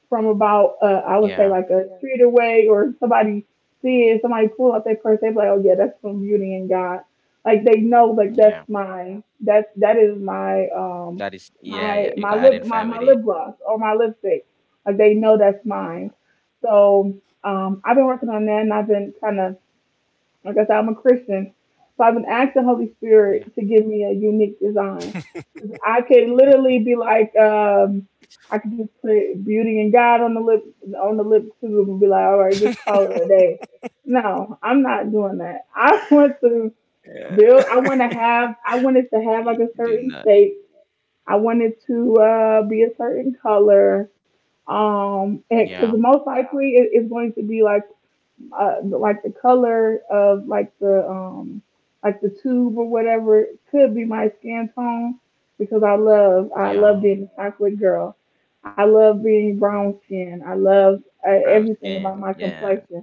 Speaker 1: from about uh I would say
Speaker 2: Yeah.
Speaker 1: like a street away, or somebody seeing somebody pull out their purse, they'd be like, oh yeah, that's from Beauty and God. Like they know like that's
Speaker 2: Yeah,
Speaker 1: my that's that is my um
Speaker 2: that is, yeah,
Speaker 1: my
Speaker 2: yeah,
Speaker 1: my
Speaker 2: you can
Speaker 1: lip my,
Speaker 2: identify
Speaker 1: my
Speaker 2: with
Speaker 1: lip
Speaker 2: it.
Speaker 1: gloss or my lipstick. Like they know that's mine.
Speaker 2: Mm.
Speaker 1: So um I've been working on that, and I've been kinda like I said, I'm a Christian. So I've been asking Holy Spirit
Speaker 2: Yeah.
Speaker 1: to give me a unique design. I could literally be like, um, I could just put beauty and God on the lip on the lip tube and be like, all right, just call it a day. No, I'm not doing that. I want to
Speaker 2: Yeah.
Speaker 1: build. I want to have. I wanted to have like a
Speaker 2: Do
Speaker 1: certain
Speaker 2: not.
Speaker 1: shape. I wanted to uh, be a certain color, Um, because
Speaker 2: Yeah.
Speaker 1: most likely it, it's going to be like uh, like the color of like the um like the tube or whatever could be my skin tone, because I love I love
Speaker 2: Yeah.
Speaker 1: being a chocolate girl. I love being brown
Speaker 2: Mm.
Speaker 1: skin. I love uh,
Speaker 2: Brown
Speaker 1: everything about my
Speaker 2: skin. Yeah.
Speaker 1: complexion.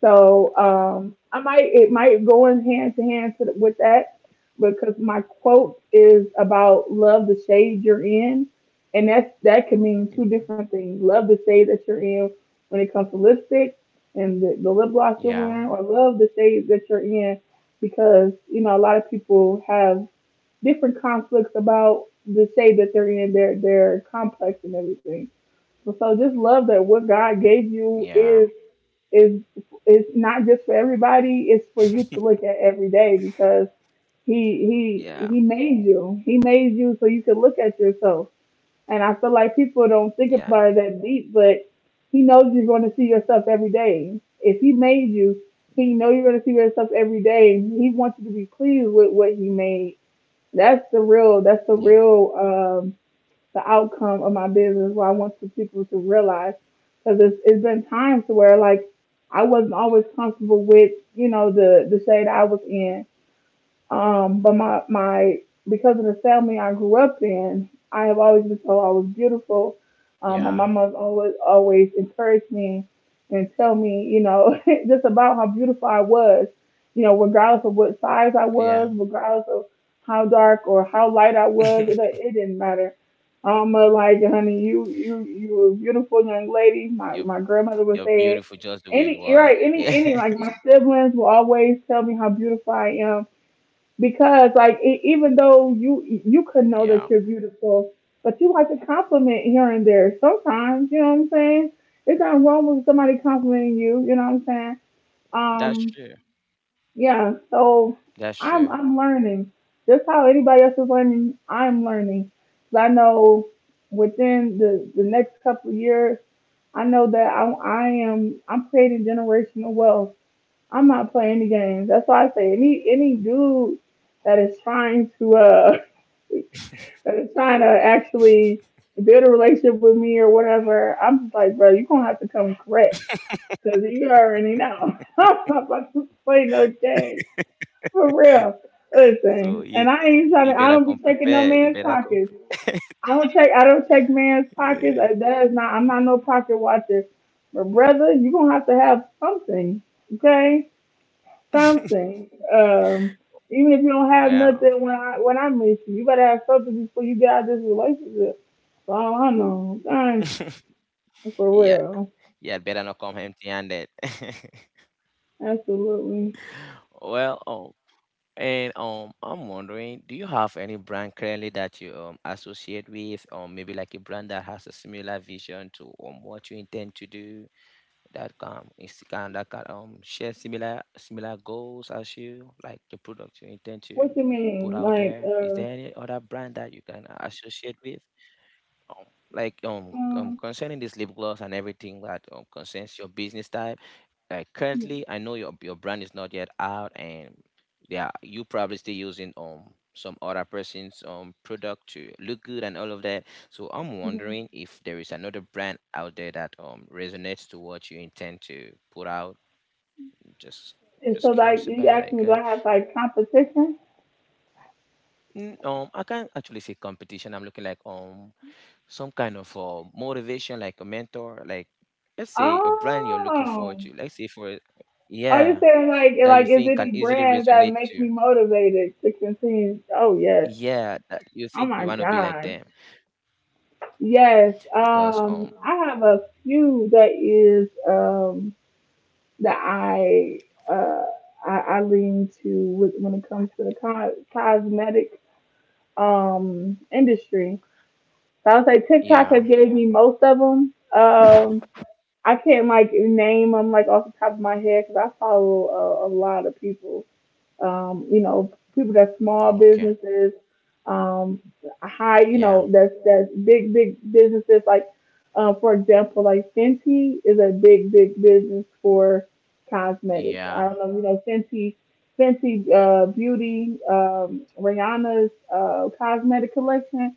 Speaker 1: So
Speaker 2: Mm.
Speaker 1: um, I might it might go in hand to hand to- with that, because my quote is about love the shade you're in, and that's that can mean two
Speaker 2: Mhm.
Speaker 1: different things. Love the shade that you're in when it comes to lipstick and the, the lip gloss you're wearing,
Speaker 2: Yeah,
Speaker 1: or love the shade that you're in because you know a lot of people have different conflicts about the shade that they're in. They're they're complex and everything. So just love that what God gave
Speaker 2: yeah,
Speaker 1: you is is is not just for everybody. It's for you to look at every day because he
Speaker 2: yeah,
Speaker 1: he he made you. He made you so you could look at yourself. And I feel like people don't
Speaker 2: yeah,
Speaker 1: think about it that deep, but he knows you're going to see yourself every day. If he made you, he know you're going to see yourself every day. He wants you to be pleased with what he made. That's the real. That's the
Speaker 2: yeah,
Speaker 1: real. Um, the outcome of my business, what I want the people to realize. Because it's, it's been times to where like I wasn't always comfortable with you know the the shade I was in, um, but my my because of the family I grew up in, I have always been told I was beautiful. Um, my
Speaker 2: yeah,
Speaker 1: mama's always always encouraged me and tell me, you know, just about how beautiful I was. You know, regardless of what size I was,
Speaker 2: yeah.
Speaker 1: regardless of how dark or how light I was, it it didn't matter. Um, but like, honey, you you you were a beautiful young lady. My
Speaker 2: You're
Speaker 1: my grandmother would
Speaker 2: you're
Speaker 1: say it.
Speaker 2: beautiful just the way you
Speaker 1: Any right,
Speaker 2: are.
Speaker 1: any
Speaker 2: Yeah,
Speaker 1: any like my siblings will always tell me how beautiful I am, because like e even though
Speaker 2: yeah.
Speaker 1: you you could know that you're beautiful, but you like to compliment here and there sometimes. You know what I'm saying? There's nothing wrong with somebody complimenting you. You know what I'm saying?
Speaker 2: That's true.
Speaker 1: Um, yeah.
Speaker 2: That's
Speaker 1: So
Speaker 2: true.
Speaker 1: I'm I'm learning just how anybody else is learning. I'm learning. 'Cause I know within the the next couple of years, I know that I I am I'm creating generational wealth. I'm not playing any games. That's why I say any any dude that is trying to uh that is trying to actually build a relationship with me or whatever. I'm just like, bro, you gonna have to come correct because you already know. I'm not about to play no game for real.
Speaker 2: So
Speaker 1: Listen,
Speaker 2: you
Speaker 1: and I ain't
Speaker 2: you
Speaker 1: trying to.
Speaker 2: better
Speaker 1: I
Speaker 2: come
Speaker 1: don't be checking
Speaker 2: prepared.
Speaker 1: no
Speaker 2: You better
Speaker 1: man's
Speaker 2: come.
Speaker 1: pockets.
Speaker 2: pre-
Speaker 1: I don't check. I don't check man's pockets. Uh, That is not. I'm not no pocket watcher. But brother, you gonna have to have something, okay? Something. Um, even if you don't have
Speaker 2: Well,
Speaker 1: nothing when I when I meet you, you better have something before you get out of this relationship. So I don't know. Dang, for
Speaker 2: yeah,
Speaker 1: real.
Speaker 2: yeah. Better not come empty-handed.
Speaker 1: Absolutely.
Speaker 2: Well, um, and um, I'm wondering, do you have any brand currently that you um associate with, or maybe like a brand that has a similar vision to um what you intend to do, that can is can that can um share similar similar goals as you, like the product you intend to
Speaker 1: What you
Speaker 2: put
Speaker 1: mean?
Speaker 2: out
Speaker 1: Like,
Speaker 2: there? Is
Speaker 1: uh,
Speaker 2: there any other brand that you can associate with? Um, like um um
Speaker 1: um,
Speaker 2: concerning this lip gloss and everything that um concerns your business type, like currently I know your your brand is not yet out, and yeah, you probably still using um some other person's um product to look good and all of that. So I'm
Speaker 1: mhm.
Speaker 2: wondering if there is another brand out there that um resonates to what you intend to put out. just
Speaker 1: And so
Speaker 2: just
Speaker 1: like
Speaker 2: curious
Speaker 1: you
Speaker 2: about,
Speaker 1: asked
Speaker 2: like
Speaker 1: me, do
Speaker 2: uh,
Speaker 1: I have like competition?
Speaker 2: n- um I can't actually say competition. I'm looking like um some kind of uh, motivation, like a mentor. Like let's say a brand you're looking forward
Speaker 1: Oh,
Speaker 2: to, let's say for,
Speaker 1: are you
Speaker 2: yeah,
Speaker 1: saying like
Speaker 2: that you
Speaker 1: like is
Speaker 2: think can
Speaker 1: any
Speaker 2: easily
Speaker 1: brands that
Speaker 2: resonate
Speaker 1: make
Speaker 2: to.
Speaker 1: me motivated to continue? Oh yes.
Speaker 2: Yeah, that you
Speaker 1: Oh
Speaker 2: think
Speaker 1: my
Speaker 2: you want to be like
Speaker 1: god.
Speaker 2: them.
Speaker 1: Yes,
Speaker 2: Because
Speaker 1: um,
Speaker 2: um
Speaker 1: I have a few that is um, that I, uh, I I lean to with, when it comes to the co- cosmetic um, industry. So I would say TikTok has
Speaker 2: yeah,
Speaker 1: gave me most of them. Um, I can't like name them like off the top of my head because I follow a, a lot of people, um, you know, people that
Speaker 2: okay.
Speaker 1: small businesses, um, high, you
Speaker 2: Yeah.
Speaker 1: know, that's that's big, big businesses. Like, uh, for example, like Fenty is a big, big business for cosmetics.
Speaker 2: Yeah.
Speaker 1: I don't know, you know, Fenty, Fenty uh, Beauty, um, Rihanna's uh, cosmetic collection.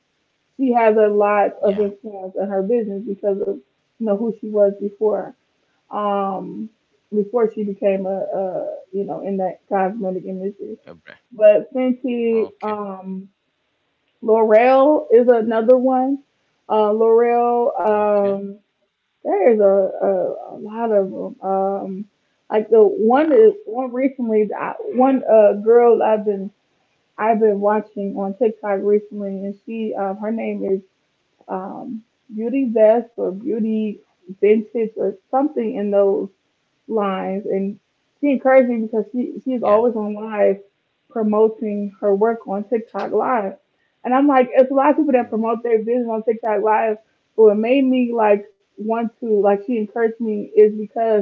Speaker 1: She has a lot of
Speaker 2: Yeah.
Speaker 1: influence in her business because of you know who she was before. Um, before she became a, a you know in that cosmetic industry.
Speaker 2: Okay.
Speaker 1: But Fenty,
Speaker 2: Okay.
Speaker 1: um, L'Oreal is another one. Uh, L'Oreal,
Speaker 2: Okay.
Speaker 1: um, there is a, a, a lot of them. Um, like the one is
Speaker 2: Yeah.
Speaker 1: one recently, I, one uh girl I've been I've been watching on TikTok recently, and she um her name is um Beauty Vest or Beauty Vintage or something in those live, and she encouraged me because she she is always
Speaker 2: Yeah.
Speaker 1: on live promoting her work on TikTok live. And I'm like, it's a lot of people that
Speaker 2: Mm.
Speaker 1: promote their business on TikTok live, but what made me like want to like she encouraged me is because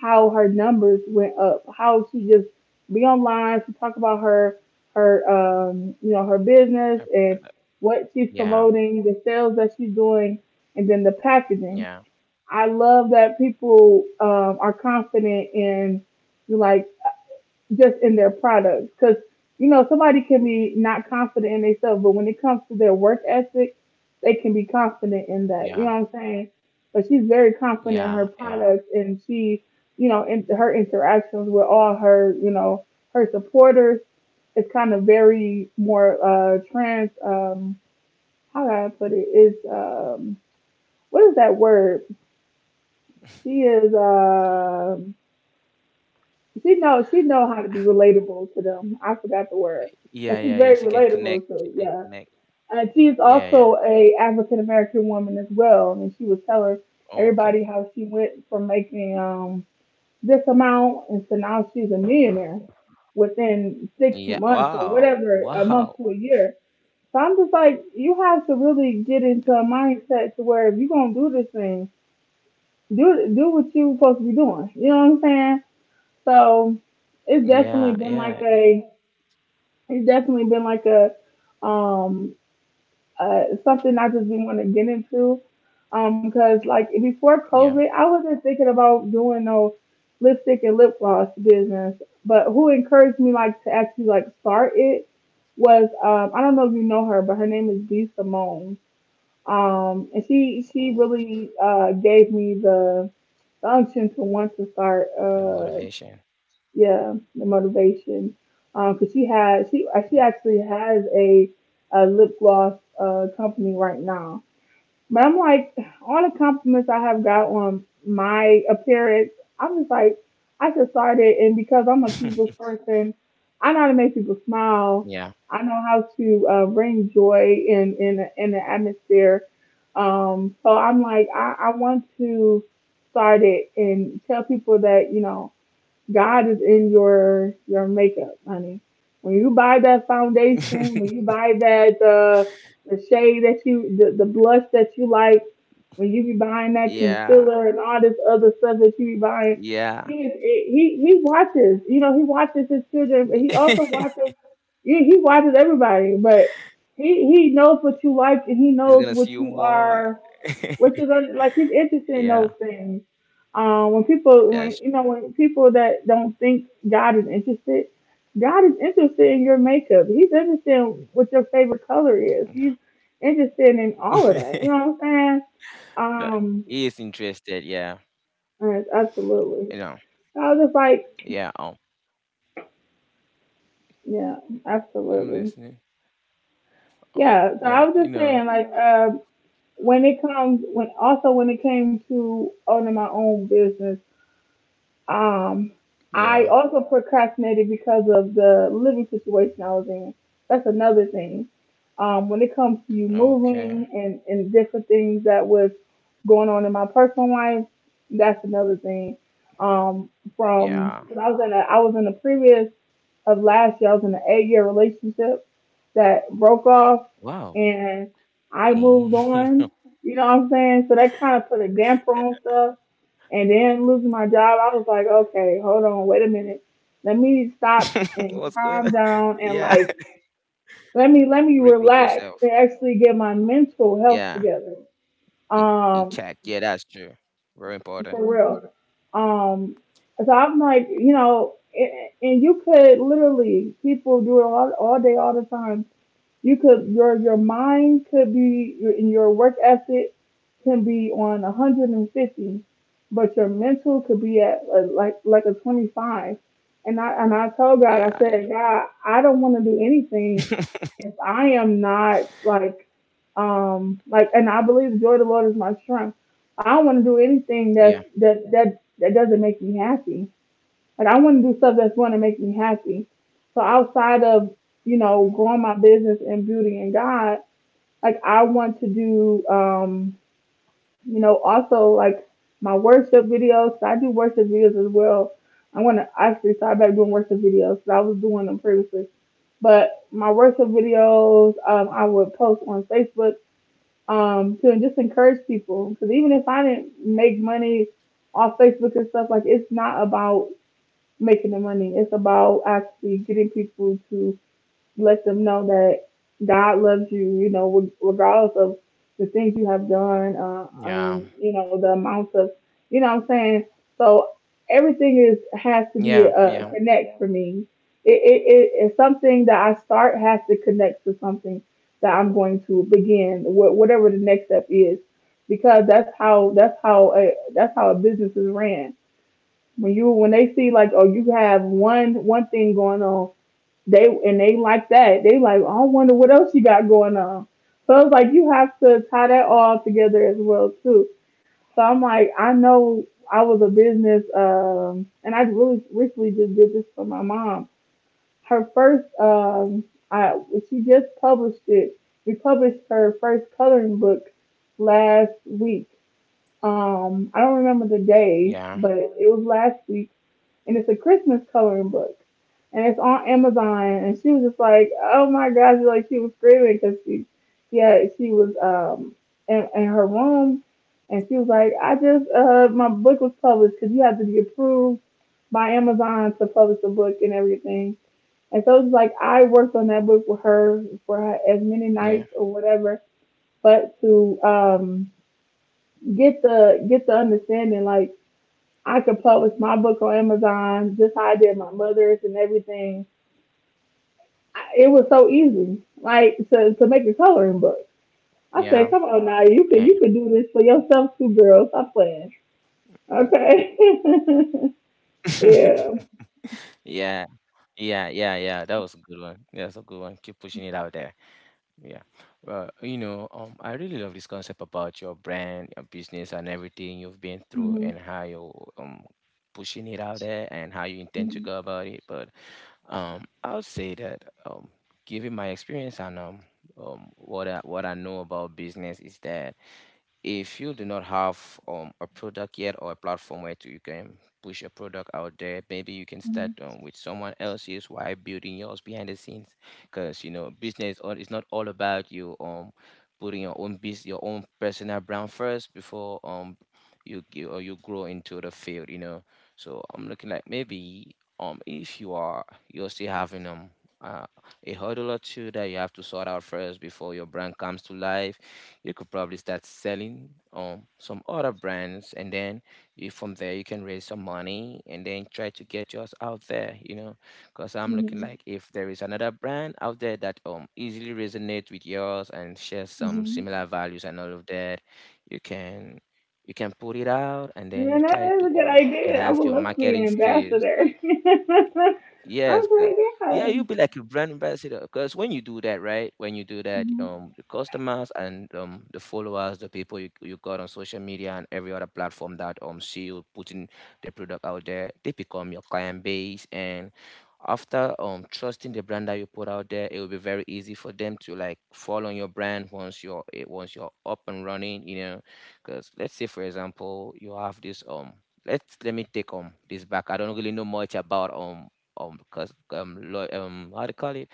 Speaker 1: how her numbers went up, how she just be online, she talk about her her um you know her business
Speaker 2: I
Speaker 1: and
Speaker 2: feel that.
Speaker 1: what she's
Speaker 2: Yeah.
Speaker 1: promoting, the sales that she's doing, and then the packaging.
Speaker 2: Yeah.
Speaker 1: I love that people um, are confident in like just in their products because you know somebody can be not confident in themselves, but when it comes to their work ethic, they can be confident in
Speaker 2: Yeah.
Speaker 1: that. You know what I'm saying? But she's very confident in
Speaker 2: Yeah.
Speaker 1: her
Speaker 2: Yeah.
Speaker 1: products, and she, you know, in her interactions with all her, you know, her supporters is kind of very more uh, trans. Um, how do I put it? Is um, What is that word? She is uh she knows she know how to be relatable to them. I forgot the word. But
Speaker 2: Yeah,
Speaker 1: she's
Speaker 2: yeah, yeah.
Speaker 1: very
Speaker 2: She can
Speaker 1: relatable
Speaker 2: connect.
Speaker 1: to,
Speaker 2: She can
Speaker 1: yeah.
Speaker 2: connect.
Speaker 1: And she's
Speaker 2: Yeah,
Speaker 1: also
Speaker 2: yeah.
Speaker 1: a African American woman as well. And she was telling everybody
Speaker 2: Okay.
Speaker 1: how she went from making um this amount, and so now she's a millionaire within six
Speaker 2: Yeah.
Speaker 1: months or
Speaker 2: Wow.
Speaker 1: whatever, a
Speaker 2: Wow.
Speaker 1: month to a year. So I'm just like, you have to really get into a mindset to where if you're gonna do this thing, do do what you supposed to be doing. You know what I'm saying? So it's
Speaker 2: Yeah,
Speaker 1: definitely
Speaker 2: yeah.
Speaker 1: been like a it's definitely been like a um uh something I just didn't want to get into. Um, cause like before
Speaker 2: Yeah.
Speaker 1: COVID, I wasn't thinking about doing no lipstick and lip gloss business. But who encouraged me like to actually like start it was, um I don't know if you know her, but her name is B Simone. Um, and she
Speaker 2: Oh,
Speaker 1: she really uh gave me the the unction to want to start,
Speaker 2: the
Speaker 1: uh
Speaker 2: motivation.
Speaker 1: yeah, the motivation. Um, cause she has she uh,
Speaker 2: Mm.
Speaker 1: she actually has a a lip gloss uh company right now. But I'm like, all the compliments I have got on my appearance, I'm just like, I just started, and because I'm a people's person, I know how to make people smile.
Speaker 2: Yeah.
Speaker 1: I know how to, uh, bring joy in in in the atmosphere. Um, so I'm like, I, I want to start it and tell people that, you know, God is in your your makeup, honey. When you buy that foundation, when you buy that, uh, the shade that you the, the blush that you like, when you be buying that
Speaker 2: Yeah.
Speaker 1: concealer and all this other stuff that you be buying,
Speaker 2: Yeah.
Speaker 1: he is he he watches. You know, he watches his children, but he also watches. He, he watches everybody, but he he knows what you like and he
Speaker 2: He's
Speaker 1: knows
Speaker 2: gonna
Speaker 1: what
Speaker 2: see you
Speaker 1: you
Speaker 2: more.
Speaker 1: are, which is, uh, like, he's interested in those
Speaker 2: Yeah,
Speaker 1: things. Um, when people, when
Speaker 2: that's,
Speaker 1: you know, when people that don't think God is interested, God is interested in your makeup. He's interested in what your favorite color is. He's interested in all of that. You know what I'm saying?
Speaker 2: but
Speaker 1: Um,
Speaker 2: he is interested. Yeah,
Speaker 1: yes, absolutely.
Speaker 2: you know.
Speaker 1: So I was just like,
Speaker 2: Yeah. Oh,
Speaker 1: yeah,
Speaker 2: I'm
Speaker 1: absolutely,
Speaker 2: listening. Oh,
Speaker 1: yeah. So I was
Speaker 2: like you
Speaker 1: just saying,
Speaker 2: know.
Speaker 1: like, uh, when it comes, when also when it came to owning my own business. Um,
Speaker 2: Yeah.
Speaker 1: I also procrastinated because of the living situation I was in. That's another thing. Um, when it comes to you moving
Speaker 2: Okay.
Speaker 1: and, and different things that was going on in my personal life, that's another thing. Um, from cause
Speaker 2: Yeah.
Speaker 1: I was in a I was in a previous of last year, I was in an eight year relationship that broke off
Speaker 2: Wow.
Speaker 1: and I moved
Speaker 2: Dang.
Speaker 1: on. You know what I'm saying? So that kind of put a damper on stuff, and then losing my job, I was like, okay, hold on, wait a minute. Let me stop and
Speaker 2: What's
Speaker 1: calm
Speaker 2: going on?
Speaker 1: down and
Speaker 2: Yeah.
Speaker 1: like let me let me
Speaker 2: Regroup
Speaker 1: relax and
Speaker 2: yourself.
Speaker 1: actually get my mental health
Speaker 2: Yeah.
Speaker 1: together.
Speaker 2: In,
Speaker 1: Um,
Speaker 2: in check. Yeah, that's true. Very
Speaker 1: for
Speaker 2: important.
Speaker 1: real. Um, so I'm like, you know, and, and you could literally, people do it all, all day, all the time. You could, your your mind could be in your work ethic, can be on one hundred fifty, but your mental could be at, uh like like a twenty-five. And i and i told God. I
Speaker 2: Yeah.
Speaker 1: said, God, I don't want to do anything if I am not like, um like, and I believe the joy of the Lord is my strength. I don't want to do anything that's
Speaker 2: Yeah.
Speaker 1: that that that doesn't make me happy. Like, I want to do stuff that's going to make me happy. So outside of, you know, growing my business and beauty and God, like I want to do, um you know, also like my worship videos. I do worship videos as well. I want to actually start back doing worship videos, because I was doing them previously, but my worship videos, um I would post on Facebook um to just encourage people, because even if I didn't make money off Facebook and stuff, like, it's not about making the money. It's about actually getting people to, let them know that God loves you, you know, reg- regardless of the things you have done, uh,
Speaker 2: Yeah.
Speaker 1: and you know, the amounts of, you know what I'm saying? So everything is, has to be
Speaker 2: Yeah.
Speaker 1: a
Speaker 2: Yeah.
Speaker 1: connect for me. It, it, it, it's something that I start has to connect to something that I'm going to begin, wh- whatever the next step is, because that's how, that's how, a, that's how a business is ran. When you when they see like, oh, you have one one thing going on, they and they like that. They like, "Oh, I wonder what else you got going on." So it's like you have to tie that all together as well too. So I'm like, I know I was a business, um and I really recently just did this for my mom. Her first, um I she just published it. We published her first coloring book last week. um I don't remember the day, but
Speaker 2: Yeah.
Speaker 1: it was last week, and it's a Christmas coloring book, and it's on Amazon. And she was just like, "Oh my gosh!" Like she was screaming, because she, yeah, she was, um in, in her room, and she was like, "I just, uh my book was published, because you have to be approved by Amazon to publish the book and everything." And so it's like I worked on that book with her for as
Speaker 2: Yeah.
Speaker 1: many nights or whatever, but to, um get the get the understanding, like, I could publish my book on Amazon just how I did my mother's and everything. I, it was so easy, like, to, to make a coloring
Speaker 2: Yeah.
Speaker 1: book. I
Speaker 2: Eh.
Speaker 1: said, "Come on now, you could, you could do this for yourself too, girl. Stop playing." Okay. Yeah.
Speaker 2: Yeah. Yeah, yeah, yeah. That was a good one. That's a good one. Keep pushing it out there. Yeah. Well, you know, um, I really love this concept about your brand, your business, and everything you've been through, and
Speaker 1: hmm
Speaker 2: how you're um pushing it out there, and how you intend to
Speaker 1: hmm
Speaker 2: go about it. But um, I'll say that, um, given my experience, and um, um, what I, what I know about business is that if you do not have um, a product yet, or a platform where to, you can push your product out there, maybe you can start,
Speaker 1: hmm
Speaker 2: um, with someone else's while building yours behind the scenes. Because you know, business, all, it's not all about you um putting your own business, your own personal brand first before um you g- or you grow into the field. You know, so I'm looking, like maybe um if you are you're still having um. Uh, a hurdle or two that you have to sort out first before your brand comes to life, you could probably start selling um some other brands, and then you, from there, you can raise some money and then try to get yours out there, you know. Because I'm looking,
Speaker 1: hmm
Speaker 2: like if there is another brand out there that um easily resonates with yours and shares some
Speaker 1: hmm
Speaker 2: similar values and all of that, you can you can put it out, and then you
Speaker 1: Man, that
Speaker 2: try to
Speaker 1: is a good
Speaker 2: um
Speaker 1: idea. I
Speaker 2: enhance
Speaker 1: would
Speaker 2: your
Speaker 1: love to be an
Speaker 2: marketing skills.
Speaker 1: ambassador. I'm
Speaker 2: Yes, good.
Speaker 1: like,
Speaker 2: Yeah,
Speaker 1: yeah.
Speaker 2: you'll be like a brand ambassador, because when you do that, right? When you do that, um, the customers and um the followers, the people you, you got on social media and every other platform that um see you putting their product out there, they become your client base. And after um trusting the brand that you put out there, it will be very easy for them to like fall on your brand once you're eh, once you're up and running. You know, because let's say for example you have this, um let's let me take, um this back. I don't really know much about um um cos um lo- um how do you call it,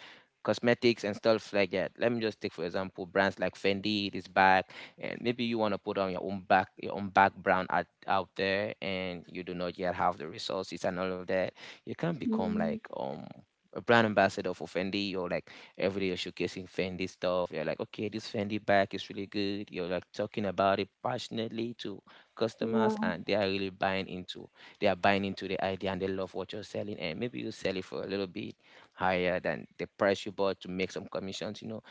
Speaker 2: cosmetics and stuff like that. Let me just take for example brands like Fendi, this bag, and maybe you want to put on your own back your own background out, out there, and you do not yet have the resources and all of that. You can become
Speaker 1: Mm,
Speaker 2: like um a brand ambassador for Fendi, or like every day you're showcasing Fendi stuff. You're like, okay, this Fendi bag is really good. You're like talking about it passionately to customers,
Speaker 1: yeah.
Speaker 2: and they are really buying into they are buying into the idea, and they love what you're selling. And maybe you sell it for a little bit higher than the price you bought to make some commissions you know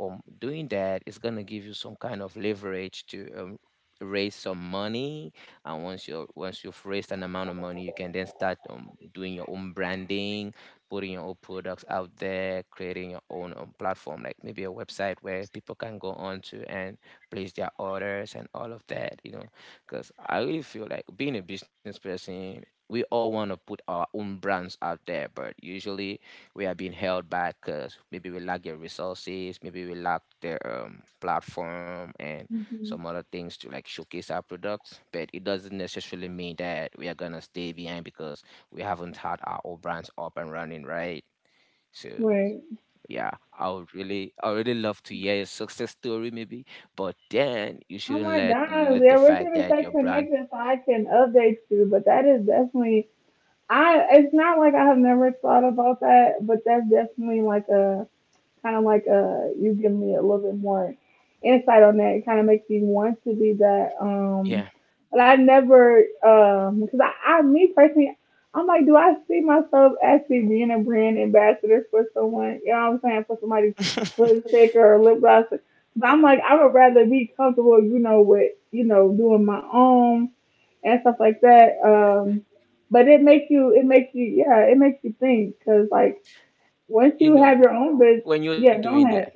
Speaker 2: um, Doing that is going to give you some kind of leverage to um, raise some money. And once you once you've raised an amount of money, you can then start um, doing your own branding, putting your own products out there, creating your own um, platform, like maybe a website where people can go on to and place their orders and all of that you know Because I really feel like, being a business person, we all want to put our own brands out there, but usually we are being held back because maybe we lack the resources, maybe we lack the um, platform and
Speaker 1: hmm
Speaker 2: some other things to like showcase our products. But it doesn't necessarily mean that we are gonna stay behind because we haven't had our own brands up and running, right? So,
Speaker 1: Right.
Speaker 2: yeah, I would really, I would really love to hear your success story, maybe. But then you
Speaker 1: Oh
Speaker 2: shouldn't
Speaker 1: my
Speaker 2: let
Speaker 1: God.
Speaker 2: let the
Speaker 1: Yeah, we're
Speaker 2: fact
Speaker 1: going to
Speaker 2: that
Speaker 1: stay
Speaker 2: your brand,
Speaker 1: connected so I can update you. But that is definitely, I, it's not like I have never thought about that, but that's definitely like a, kind of like, uh, you give me a little bit more insight on that. It kind of makes me want to do that.
Speaker 2: yeah,
Speaker 1: Um, but I never, um, because I, I, me personally, I'm like, do I see myself actually being a brand ambassador for someone? You know what I'm saying? For somebody's lipstick or lip gloss. But
Speaker 2: Yeah.
Speaker 1: I'm like, I would rather be comfortable, you know, with, you know, doing my own and stuff like that.
Speaker 2: Like,
Speaker 1: Um, but it makes you, it makes you, yeah, it makes you think, cause like. Once
Speaker 2: you
Speaker 1: you have
Speaker 2: know,
Speaker 1: your own business,
Speaker 2: when you're
Speaker 1: yeah,
Speaker 2: doing
Speaker 1: go
Speaker 2: that,
Speaker 1: ahead.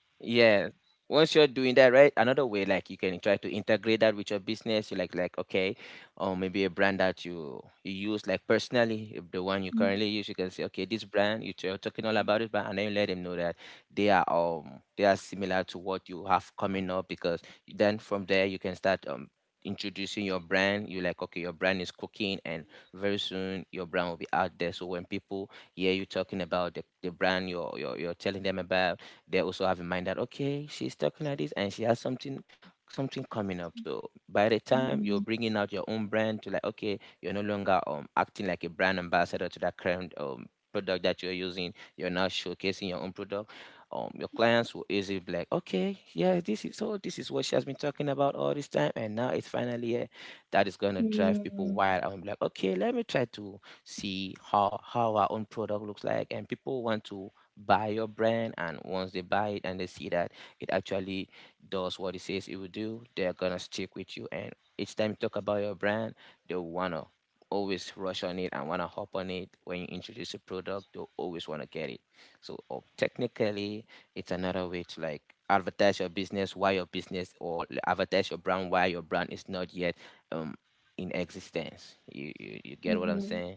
Speaker 2: yeah. Once you're doing that, right? Another way, like, you can try to integrate that with your business. You like, like, okay, or maybe a brand that you you use, like personally, if the one you currently use, you can say, okay, this brand you t- you're talking all about it, but and then you let them know that they are um they are similar to what you have coming up. Because then from there you can start um introducing your brand. You like, okay, your brand is cooking, and very soon your brand will be out there. So when people hear you talking about the, the brand you're, you're you're telling them about, they also have in mind that, okay, she's talking like this and she has something something coming up. So by the time you're
Speaker 1: Mm-mm,
Speaker 2: bringing out your own brand to, like, okay, you're no longer um acting like a brand ambassador to that current um product that you're using. You're now showcasing your own product. Um, your clients will easily be like, okay, yeah, this is so. This is what she has been talking about all this time, and now it's finally here. That is gonna drive people
Speaker 1: mm-mm,
Speaker 2: wild. I'm like, okay, let me try to see how how our own product looks like, and people want to buy your brand. And once they buy it and they see that it actually does what it says it will do, they're gonna stick with you. And each time you talk about your brand, they wanna always rush on it and wanna hop on it. When you introduce a product, they'll always wanna get it. So, uh, technically, it's another way to, like, advertise your business why your business, or advertise your brand why your brand is not yet um in existence. You you, you get what I'm saying?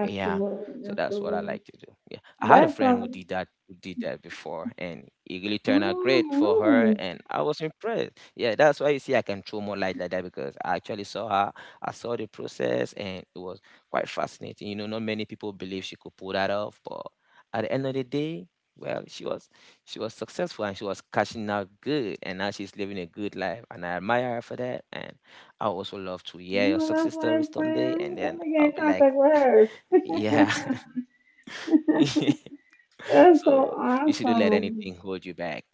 Speaker 2: Yeah. So that's what I
Speaker 1: absolutely.
Speaker 2: like to do. Yeah. I had a
Speaker 1: That's
Speaker 2: friend who
Speaker 1: um,
Speaker 2: did that who did that before, and it really turned out great for
Speaker 1: oh,
Speaker 2: her,
Speaker 1: really?
Speaker 2: and I was impressed. Yeah, that's why you see I can throw more light like that, because I actually saw her, I saw the process, and it was quite fascinating. You know, not many people believe she could pull that off, but at the end of the day, well, she was she was successful, and she was cashing out good, and now she's living a good life, and I admire her for that. And I also love to hear your
Speaker 1: No,
Speaker 2: success
Speaker 1: that's my
Speaker 2: stories someday, and
Speaker 1: friend. Let
Speaker 2: then
Speaker 1: me get
Speaker 2: I'll
Speaker 1: in
Speaker 2: be like,
Speaker 1: contact with her.
Speaker 2: yeah.
Speaker 1: That's so
Speaker 2: So you shouldn't let
Speaker 1: awesome.
Speaker 2: anything hold you back.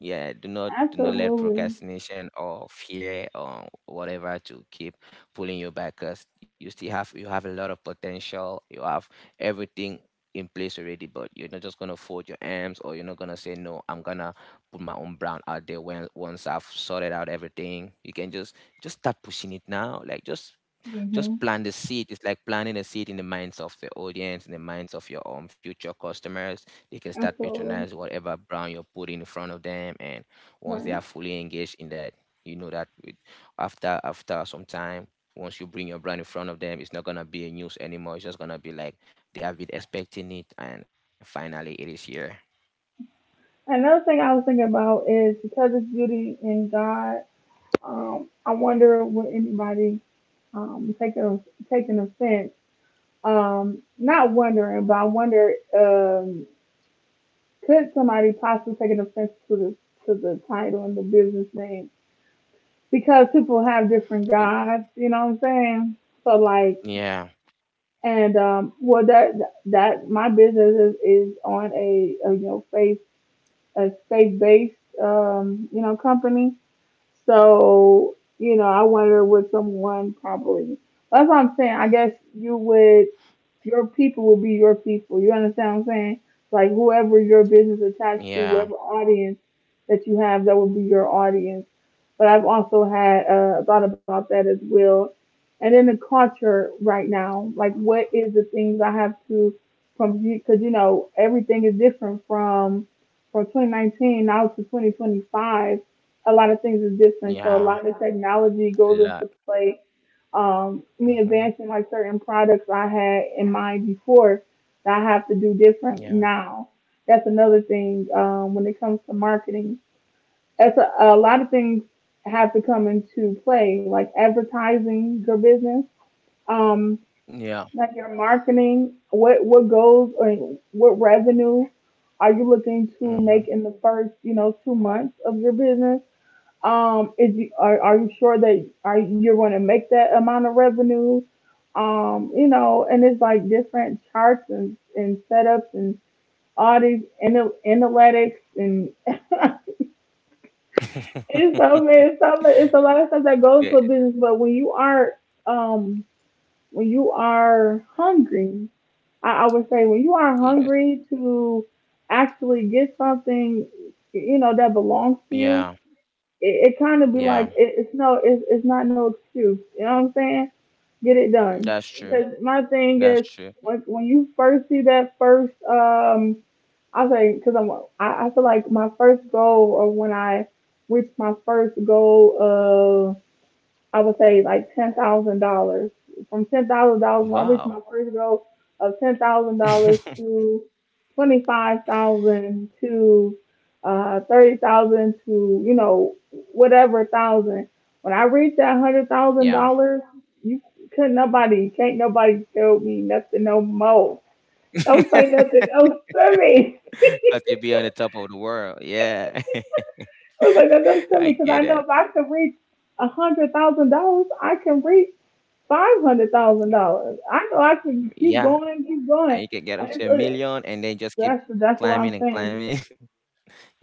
Speaker 2: Yeah, do not do not let
Speaker 1: Absolutely.
Speaker 2: procrastination or fear or whatever to keep pulling you back. 'Cause you still have you have a lot of potential. You have everything in place already, but you're not just gonna fold your arms, or you're not gonna say no. I'm gonna put my own brand out there when once I've sorted out everything. You can just just start pushing it now. Like, just just
Speaker 1: hmm
Speaker 2: plant the seed. It's like planting a seed in the minds of the audience, in the minds of your um, future customers. They can start patronize
Speaker 1: Absolutely.
Speaker 2: whatever brand you're putting in front of them, and once they
Speaker 1: Right.
Speaker 2: are fully engaged in that, you know, that with, after after some time, once you bring your brand in front of them, it's not gonna be a news anymore. It's just gonna be like they have been expecting it, and finally it is here.
Speaker 1: Another thing I was thinking about is, because it's beauty in God, um, I wonder, would anybody, um, take a, take an offense. Um, not wondering, but I wonder, um, could somebody possibly take an offense to the to the title and the business name, because people have
Speaker 2: It-
Speaker 1: different gods. You know what I'm saying? So like,
Speaker 2: yeah,
Speaker 1: and um, well, that that my business is, is on a, a you know, faith, a faith based, um you know, company. So you know, I wonder would someone probably. That's what I'm saying. I guess you would. Your people will be your people. You understand what I'm saying? Like, whoever your business attached
Speaker 2: yeah,
Speaker 1: to, whoever audience that you have, that will be your audience. But I've also had, uh, thought about that as well. And in the culture right now, like, what is the things I have to, from because you know everything is different from from twenty nineteen now to twenty twenty-five. A lot of things is different,
Speaker 2: yeah,
Speaker 1: so a lot of
Speaker 2: a
Speaker 1: technology goes
Speaker 2: lot.
Speaker 1: into play, um, me
Speaker 2: Hmm.
Speaker 1: advancing, like, certain products I had in mind before that I have to do different
Speaker 2: Yeah,
Speaker 1: now. That's another thing, um, when it comes to marketing. That's a, a lot of things have to come into play, like advertising your business, um,
Speaker 2: yeah.
Speaker 1: like your marketing. What what goals or what revenue are you looking to
Speaker 2: Hmm.
Speaker 1: make in the first, you know, two months of your business? Um, is you, are are you sure that are you're going to make that amount of revenue? Um, you know, and it's like different charts and and setups and all these ana- analytics and it's so many, it's so mu- it's a lot of stuff that
Speaker 2: Yeah,
Speaker 1: goes to a business. But when you are um when you are hungry, I, I would say when you are
Speaker 2: you just
Speaker 1: hungry to actually get something you know that belongs to
Speaker 2: yeah.
Speaker 1: you. It, it kind of be
Speaker 2: Yeah,
Speaker 1: like, it, it's no it's, it's not no excuse, you know what I'm saying. Get it done,
Speaker 2: that's true.
Speaker 1: because my thing
Speaker 2: That's
Speaker 1: is
Speaker 2: true.
Speaker 1: when, when you first see that first, um I say because I'm I, I feel like my first goal, or when I reached my first goal of, I would say, like ten thousand dollars. From ten thousand dollars, when I reached
Speaker 2: Wow.
Speaker 1: my first goal of ten thousand dollars to twenty five thousand to uh thirty thousand to, you know, whatever thousand. When I reached that hundred thousand
Speaker 2: Yeah.
Speaker 1: dollars, you couldn't nobody, can't nobody tell me nothing no more. Don't say nothing else to me. I
Speaker 2: Because you'd be on the top of the world. Yeah.
Speaker 1: was like, that doesn't to
Speaker 2: I
Speaker 1: me, because
Speaker 2: get
Speaker 1: I know
Speaker 2: it.
Speaker 1: if I can reach a hundred thousand dollars, I can reach five hundred thousand dollars. I know I could keep
Speaker 2: Yeah.
Speaker 1: going and keep going.
Speaker 2: And you can get
Speaker 1: And
Speaker 2: up
Speaker 1: it's,
Speaker 2: to a
Speaker 1: uh,
Speaker 2: million and then just keep
Speaker 1: that's that's what I'm
Speaker 2: climbing and
Speaker 1: saying.
Speaker 2: climbing.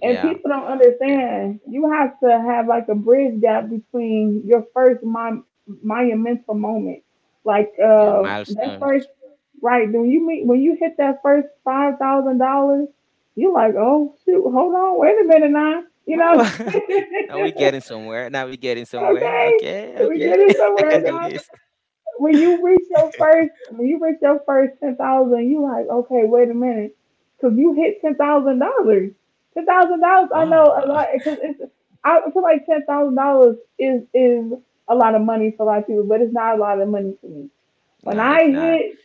Speaker 1: And people don't
Speaker 2: Yeah.
Speaker 1: understand. You have to have, like, a bridge gap between your first mon- monumental moment, like
Speaker 2: Yeah.
Speaker 1: uh that first,
Speaker 2: Milestones.
Speaker 1: right when you meet when you hit that first five thousand dollars. You're like, oh shoot, hold on, wait a minute now, you know,
Speaker 2: Well,
Speaker 1: okay,
Speaker 2: now we're getting somewhere. Now we're getting somewhere. Okay.
Speaker 1: we get
Speaker 2: Okay.
Speaker 1: it
Speaker 2: I
Speaker 1: somewhere
Speaker 2: can
Speaker 1: now.
Speaker 2: do this.
Speaker 1: when you reach your first, when you reach your first, ten thousand, you like, okay, wait a minute, because you hit ten thousand dollars. Ten thousand dollars, I know a
Speaker 2: Wow.
Speaker 1: lot, because it's. I feel like ten thousand dollars is is a lot of money for a lot of people, but it's not a lot of money for me. When
Speaker 2: Nah,
Speaker 1: I
Speaker 2: it's not.
Speaker 1: hit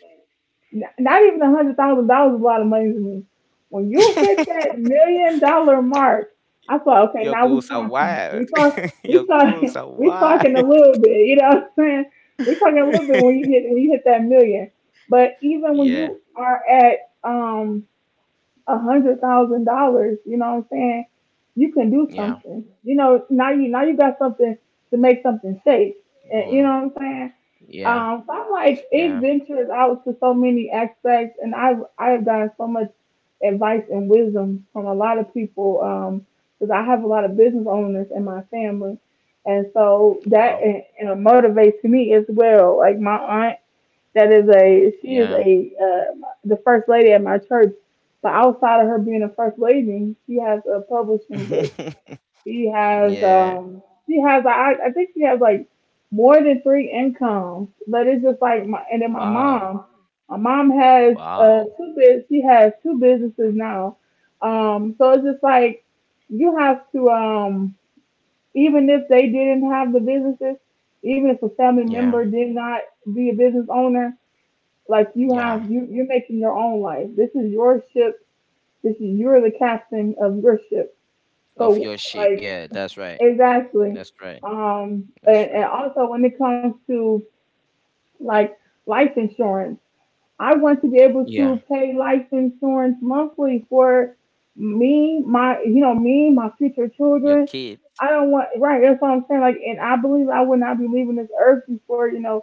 Speaker 1: N- Not even a hundred thousand dollars is a lot of money to me. When you hit that million dollar mark, I thought, okay,
Speaker 2: Your
Speaker 1: now we
Speaker 2: goals are
Speaker 1: talking.
Speaker 2: wild.
Speaker 1: We talk,
Speaker 2: Your
Speaker 1: we talk,
Speaker 2: goals are
Speaker 1: we
Speaker 2: wild.
Speaker 1: talking a little bit. You know what I'm saying? We talking a little bit when you hit when you hit that million. But even when
Speaker 2: Yeah.
Speaker 1: you are at um a hundred thousand dollars, you know what I'm saying? You can do
Speaker 2: Yeah,
Speaker 1: something. You know, now you now you got something to make something safe.
Speaker 2: going
Speaker 1: And,
Speaker 2: on.
Speaker 1: you know what I'm saying?
Speaker 2: Yeah,
Speaker 1: Um, so I'm like,
Speaker 2: yeah.
Speaker 1: it ventures out to so many aspects, and I've I've gotten so much advice and wisdom from a lot of people, um, because I have a lot of business owners in my family. And so that
Speaker 2: Wow.
Speaker 1: and, and it motivates me as well. Like my aunt, that is a she is
Speaker 2: Yeah.
Speaker 1: a uh, the first lady at my church. But outside of her being a first lady, she has a publishing book. She has
Speaker 2: Yeah.
Speaker 1: um she has I I think she has, like, more than three incomes. But it's just like, my and then my
Speaker 2: Wow.
Speaker 1: mom. My mom has uh
Speaker 2: Wow.
Speaker 1: two biz she has two businesses now. Um so it's just like, you have to, um even if they didn't have the businesses, even if a family
Speaker 2: Yeah.
Speaker 1: member did not be a business owner, like, you
Speaker 2: Yeah.
Speaker 1: have you you're making your own life. This is your ship. This is You're the captain of your ship.
Speaker 2: Of
Speaker 1: So
Speaker 2: your sheep.
Speaker 1: like,
Speaker 2: Yeah, that's right.
Speaker 1: exactly.
Speaker 2: That's right.
Speaker 1: Um
Speaker 2: That's
Speaker 1: and, and
Speaker 2: right.
Speaker 1: also, when it comes to, like, life insurance, I want to be able
Speaker 2: Yeah.
Speaker 1: to pay life insurance monthly for me, my you know me, my future
Speaker 2: Your
Speaker 1: children.
Speaker 2: kid.
Speaker 1: I don't want. Right, that's what I'm saying. Like, and I believe I would not be leaving this earth before, you know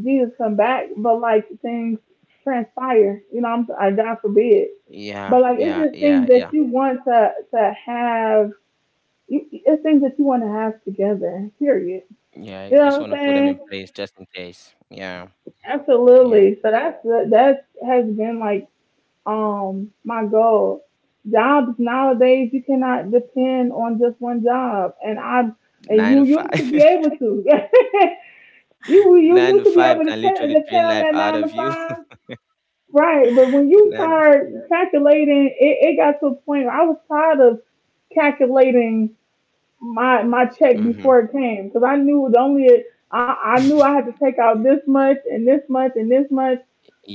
Speaker 1: Jesus come back. But, like, things transpire, you know. I'm I God forbid.
Speaker 2: Yeah.
Speaker 1: But, like, it's
Speaker 2: Yeah.
Speaker 1: just
Speaker 2: Yeah.
Speaker 1: things that
Speaker 2: Yeah.
Speaker 1: you want to to have. You, it's things that you want to have together. Period.
Speaker 2: Yeah.
Speaker 1: You
Speaker 2: You just
Speaker 1: know what I'm
Speaker 2: want to put them
Speaker 1: saying?
Speaker 2: in place just in case. Yeah. Yeah.
Speaker 1: Absolutely. So that's the- that has been, like, Um, my God, jobs nowadays you cannot depend on just one job, and I and
Speaker 2: Nine
Speaker 1: you
Speaker 2: to
Speaker 1: used to be
Speaker 2: five.
Speaker 1: able to. you you
Speaker 2: Nine to
Speaker 1: used to be
Speaker 2: five
Speaker 1: able to
Speaker 2: can literally
Speaker 1: depend, depend
Speaker 2: drain
Speaker 1: on
Speaker 2: life
Speaker 1: that
Speaker 2: out
Speaker 1: nine to
Speaker 2: of you.
Speaker 1: five, right? But when you
Speaker 2: Nine to...
Speaker 1: start calculating, it, it got to a point where I was tired of calculating my my check
Speaker 2: Mm-hmm.
Speaker 1: before it came, because I knew the only, I, I knew I had to take out this much and this much and this much,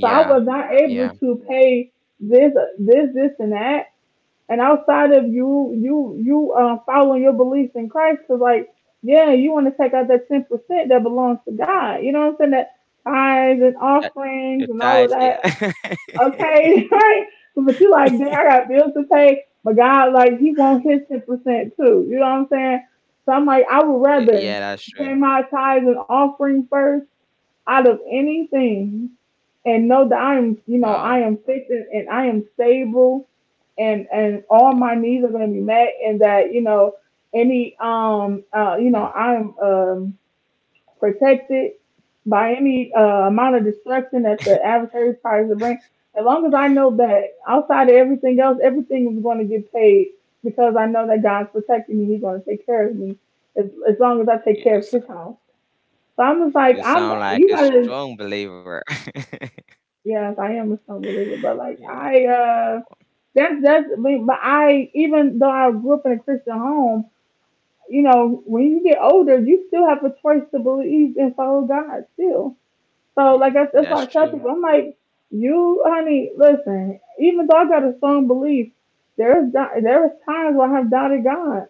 Speaker 1: so I was not able
Speaker 2: Yeah.
Speaker 1: to pay this this this and that. And outside of you you you uh, following your beliefs in Christ, because, like, yeah, you want to take out that ten percent that belongs to God. You know what I'm saying? That tithes and
Speaker 2: That-
Speaker 1: offerings
Speaker 2: You're
Speaker 1: and all of
Speaker 2: tired.
Speaker 1: that,
Speaker 2: Yeah.
Speaker 1: okay, right? But you like, dang, I got bills to pay. But God, like, He wants His ten percent too. You know what I'm saying? So I'm like, I would
Speaker 2: Y- Yeah,
Speaker 1: rather
Speaker 2: that's true.
Speaker 1: pay my tithes and offering first out of anything, and know that I'm, you know,
Speaker 2: Wow.
Speaker 1: I am fixed, and, and I am stable, and and all
Speaker 2: Yeah.
Speaker 1: my needs are going to be met, and that, you know any um uh you know
Speaker 2: Mm.
Speaker 1: I'm um protected by any uh, amount of destruction that the adversary tries to bring. As long as I know that outside of everything else, everything is going to get paid, because I know that God's protecting me. He's going to take care of me, as, as long as I take
Speaker 2: You
Speaker 1: care
Speaker 2: you
Speaker 1: of His
Speaker 2: sou-
Speaker 1: house. So I'm just like,
Speaker 2: you
Speaker 1: I'm,
Speaker 2: sound like
Speaker 1: you
Speaker 2: a
Speaker 1: gotta,
Speaker 2: strong believer.
Speaker 1: yes, I am a strong believer, but like,
Speaker 2: Yeah.
Speaker 1: I, uh, that's, that's, I mean, but I, even though I grew up in a Christian home, you know, when you get older, you still have a choice to believe and follow God still. So like, I, that's why
Speaker 2: That's
Speaker 1: I tell
Speaker 2: true.
Speaker 1: people. I'm like, you, honey, listen. Even though I got a strong belief, there's do- there is times where I have doubted God,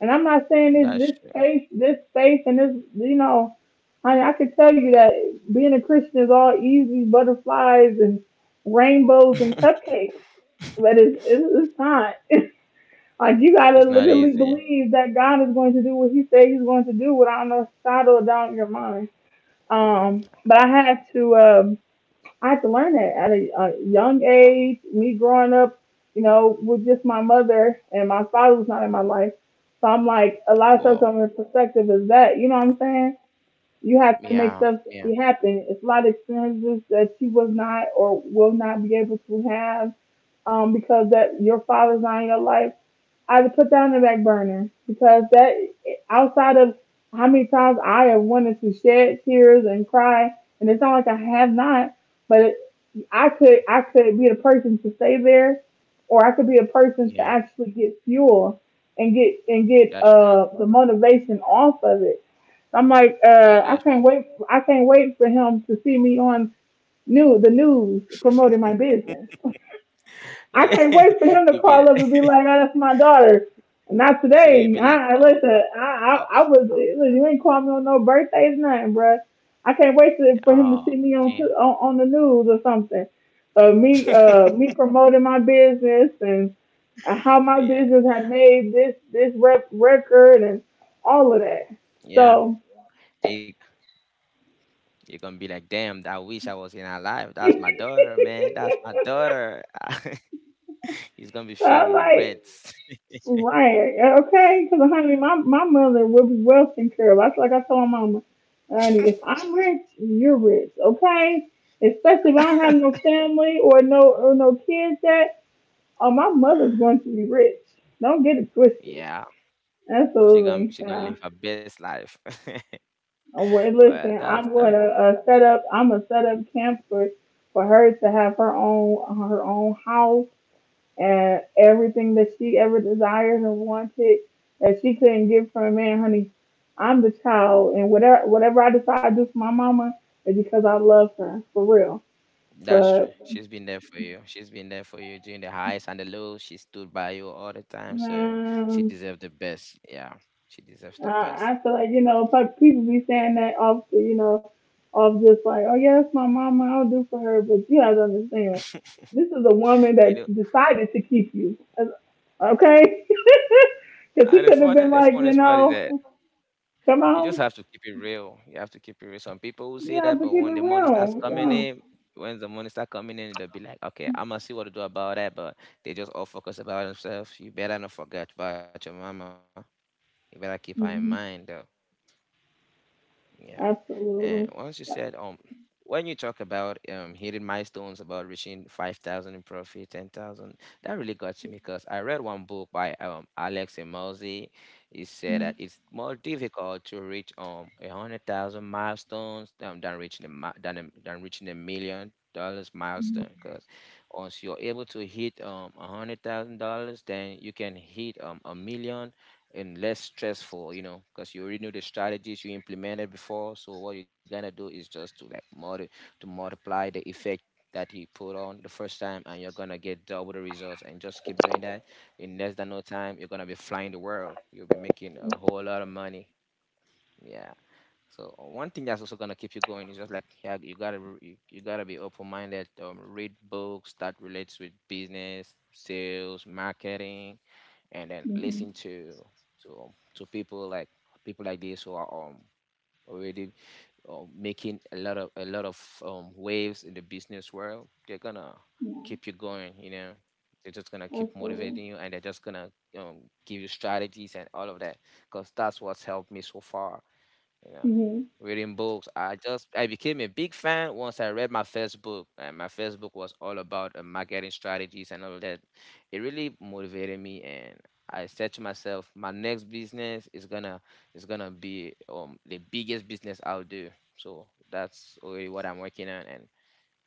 Speaker 1: and I'm not saying this,
Speaker 2: That's
Speaker 1: this
Speaker 2: true.
Speaker 1: faith, this faith, and this, you know, honey, I can tell you that being a Christian is all easy butterflies and rainbows and cupcakes, but it's it's, it's not. Like, you gotta
Speaker 2: It's not
Speaker 1: literally
Speaker 2: easy.
Speaker 1: believe that God is going to do what He said He's going to do without no shadow of doubt in your mind. Um, but I had to, um, I had to learn that at a, a young age. Me growing up, you know, with just my mother, and my father was not in my life, so I'm like, a lot of stuff
Speaker 2: Wow.
Speaker 1: coming in perspective is that, you know what I'm saying. You have to make stuff
Speaker 2: Yeah, yeah,
Speaker 1: happen. It's a lot of experiences that you was not or will not be able to have, um, because that your father's not in your life. I had to put that on the back burner, because that, outside of how many times I have wanted to shed tears and cry, and it's not like I have not, but it, I could I could be the person to stay there, or I could be a person to
Speaker 2: yeah.
Speaker 1: actually get fuel, and get, and get
Speaker 2: That's true.
Speaker 1: uh the motivation off of it. I'm like, uh I
Speaker 2: That's
Speaker 1: can't
Speaker 2: true.
Speaker 1: wait I can't wait for him to see me on, new the news, promoting my business. I
Speaker 2: Yeah,
Speaker 1: can't wait for him to
Speaker 2: you be
Speaker 1: call up and be
Speaker 2: like,
Speaker 1: like, "Oh, that's my daughter." Not
Speaker 2: so you would
Speaker 1: today.
Speaker 2: be like,
Speaker 1: I I-
Speaker 2: oh,
Speaker 1: listen. I I,
Speaker 2: oh,
Speaker 1: I was Listen, you ain't calling me on no birthdays, nothing, bruh. I can't wait to, for him to
Speaker 2: oh,
Speaker 1: see me on, t-
Speaker 2: damn.
Speaker 1: on on the news or something. Uh, me uh me promoting my business, and uh, how my
Speaker 2: Yeah,
Speaker 1: business had made this, this rep- record and all of that.
Speaker 2: yeah.
Speaker 1: So.
Speaker 2: It, you're gonna be like, damn. I wish I was in her life. That's my
Speaker 1: So
Speaker 2: daughter, man. That's my daughter. He's gonna be filled with
Speaker 1: I'm like,
Speaker 2: regrets.
Speaker 1: right. Okay. Because, honey, my my mother will be well taken care of. That's like I told my mama, honey. If I'm rich, you're rich. Okay. Especially if I don't have no family or no or no kids, that, oh, my mother's going to be rich. Don't get it twisted.
Speaker 2: Yeah. She gonna
Speaker 1: Absolutely.
Speaker 2: she gonna
Speaker 1: Yeah.
Speaker 2: live her best life.
Speaker 1: Oh, well,
Speaker 2: Well,
Speaker 1: listen,
Speaker 2: that's
Speaker 1: I'm
Speaker 2: that
Speaker 1: gonna uh, set up. I'm gonna set up camp for for her to have her own her own house and everything that she ever desired and wanted that she couldn't get from a man, honey. I'm the child, and whatever whatever I decide to do for my mama is because I love her for real.
Speaker 2: that's true.
Speaker 1: But,
Speaker 2: She's been there for you. She's been there for you during the highs and the lows. She stood by you all the time, so she
Speaker 1: um,
Speaker 2: deserves the best. Yeah, she deserves the best.
Speaker 1: I I feel like, you know, pe- people be saying that off you know off, just like, oh yeah, that's my mama, I'll do for her, but you guys understand this is a woman
Speaker 2: You know,
Speaker 1: that decided to keep you, okay? Because
Speaker 2: and
Speaker 1: he
Speaker 2: the
Speaker 1: could have
Speaker 2: funny
Speaker 1: been,
Speaker 2: the
Speaker 1: like, you
Speaker 2: funniest part is that
Speaker 1: know come
Speaker 2: you just
Speaker 1: on.
Speaker 2: have to keep it real. You have to keep it real. Some people will say
Speaker 1: Yeah,
Speaker 2: that,
Speaker 1: to
Speaker 2: but
Speaker 1: keep
Speaker 2: when
Speaker 1: it
Speaker 2: the money starts
Speaker 1: real.
Speaker 2: coming
Speaker 1: Yeah.
Speaker 2: in. When the money start coming in, they'll be like, "Okay, I'm gonna see what to do about that." But they just all focus about themselves. You better not forget about your mama. You better keep her in mind,
Speaker 1: Hmm.
Speaker 2: though. Yeah. And
Speaker 1: Absolutely.
Speaker 2: once you said, um, when you talk about um hitting milestones, about reaching five thousand in profit, ten thousand, that really got to me, because I read one book by um Alex Emozi. He said that
Speaker 1: Mm-hmm.
Speaker 2: it's more difficult to reach um a hundred thousand milestones um than reaching a mi- than a, than reaching a million dollars milestone, because once you're able to hit um a hundred thousand dollars, then you can hit um a million, and less stressful, you know, because you already knew the strategies you implemented before. So what you're gonna do is just to like multi to multiply the effect that you put on the first time, and you're gonna get double the results, and just keep doing that. In less than no time, you're gonna be flying the world. You'll be making a whole lot of money. Yeah. So, uh, one thing that's also gonna keep you going is just like, yeah, you gotta re- you, you gotta be open minded. Um, read books that relates with business, sales, marketing, and then
Speaker 1: Hmm.
Speaker 2: listen to to to people like people like this who are um already um, making a lot of a lot of um, waves in the business world. They're gonna
Speaker 1: Yeah,
Speaker 2: keep you going, you know. They're just gonna keep
Speaker 1: absolutely.
Speaker 2: motivating you, and they're just gonna um, give you strategies and all of that, because that's what's helped me so far, you know,
Speaker 1: Hmm.
Speaker 2: reading books. I just i became a big fan once I read my first book, and my first book was all about, uh, marketing strategies and all of that. It really motivated me, and I said to myself, my next business is gonna is gonna be um the biggest business out there. So that's already what I'm working on. And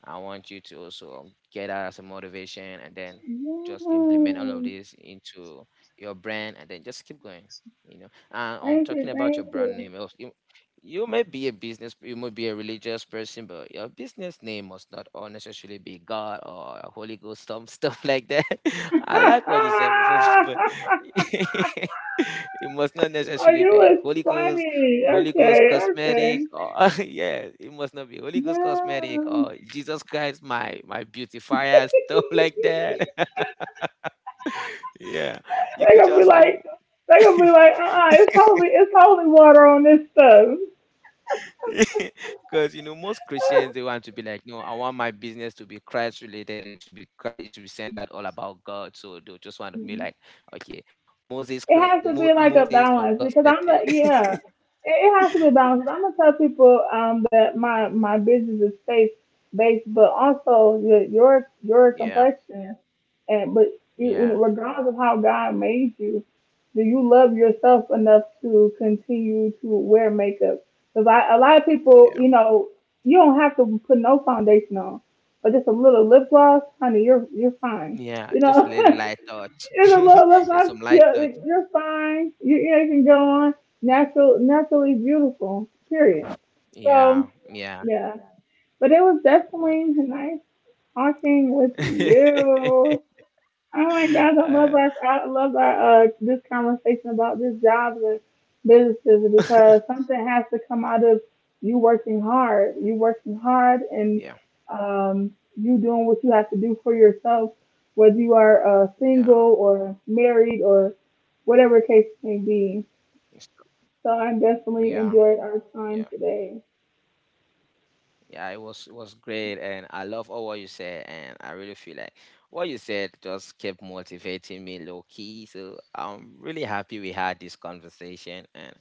Speaker 2: I want you to also get that as a motivation, and then just implement all of
Speaker 1: Yes.
Speaker 2: this into your brand, and then just keep going. You know, and I'm um,
Speaker 1: Thank
Speaker 2: talking
Speaker 1: you,
Speaker 2: about your
Speaker 1: thank
Speaker 2: brand name,
Speaker 1: you.
Speaker 2: also. You, you may be a business, you may be a religious person, but your business name must not all necessarily be God or Holy Ghost, some stuff like that. I like what you said
Speaker 1: Oh,
Speaker 2: before, but it must not necessarily
Speaker 1: you
Speaker 2: be
Speaker 1: was
Speaker 2: Holy Ghost
Speaker 1: funny.
Speaker 2: Holy Ghost
Speaker 1: Okay,
Speaker 2: cosmetic.
Speaker 1: okay.
Speaker 2: Or, yeah, it must not be Holy Ghost cosmetic,
Speaker 1: Yeah.
Speaker 2: or Jesus Christ, my my beautifier, stuff like that. Yeah, you
Speaker 1: they
Speaker 2: could
Speaker 1: gonna
Speaker 2: just
Speaker 1: be
Speaker 2: um,
Speaker 1: like, they gonna be like, uh, uh it's holy, it's holy water on this stuff.
Speaker 2: because you know most Christians they want to be like, no, I want my business to be Christ related. It should be Christ. It should be centered all about God. So they just want to be like, okay, Moses,
Speaker 1: It
Speaker 2: cre-
Speaker 1: has to be
Speaker 2: Mo-
Speaker 1: like a
Speaker 2: Moses of
Speaker 1: balance, because I'm the
Speaker 2: cosmetic.
Speaker 1: yeah. It, it has to be balanced.
Speaker 2: is
Speaker 1: I'm gonna tell people, um that my my business is faith based, but also your your your
Speaker 2: Yeah,
Speaker 1: complexion and, but you, when-
Speaker 2: yeah,
Speaker 1: regardless of how God made you, do you love yourself enough to continue to wear makeup? Because I a lot of people, you
Speaker 2: yeah.
Speaker 1: know, you don't have to put no foundation on, but just a little lip gloss, honey, you're you're fine. You
Speaker 2: Yeah, just
Speaker 1: know,
Speaker 2: a little light touch.
Speaker 1: in a love life, I,
Speaker 2: Yeah, some light
Speaker 1: you're,
Speaker 2: touch.
Speaker 1: you're fine. Your ears can go on. Natural, naturally beautiful. Period. So
Speaker 2: Yeah, yeah.
Speaker 1: yeah, but it was
Speaker 2: Don't
Speaker 1: definitely
Speaker 2: worry.
Speaker 1: nice talking with you. Oh my gosh, I love our
Speaker 2: uh,
Speaker 1: I love our uh, this conversation about this jobs and businesses, because something has to come out of you working hard. You working hard, and
Speaker 2: yeah, yeah,
Speaker 1: um, you doing what you have to do for yourself, whether you are uh, single or married, or whatever case may be.
Speaker 2: it's-
Speaker 1: So I
Speaker 2: yeah,
Speaker 1: definitely enjoyed our
Speaker 2: yeah.
Speaker 1: time today.
Speaker 2: Yeah, it was it was great, and I love all what you said, and I really feel like what you said just kept motivating me low key. So I'm really happy we had this conversation, and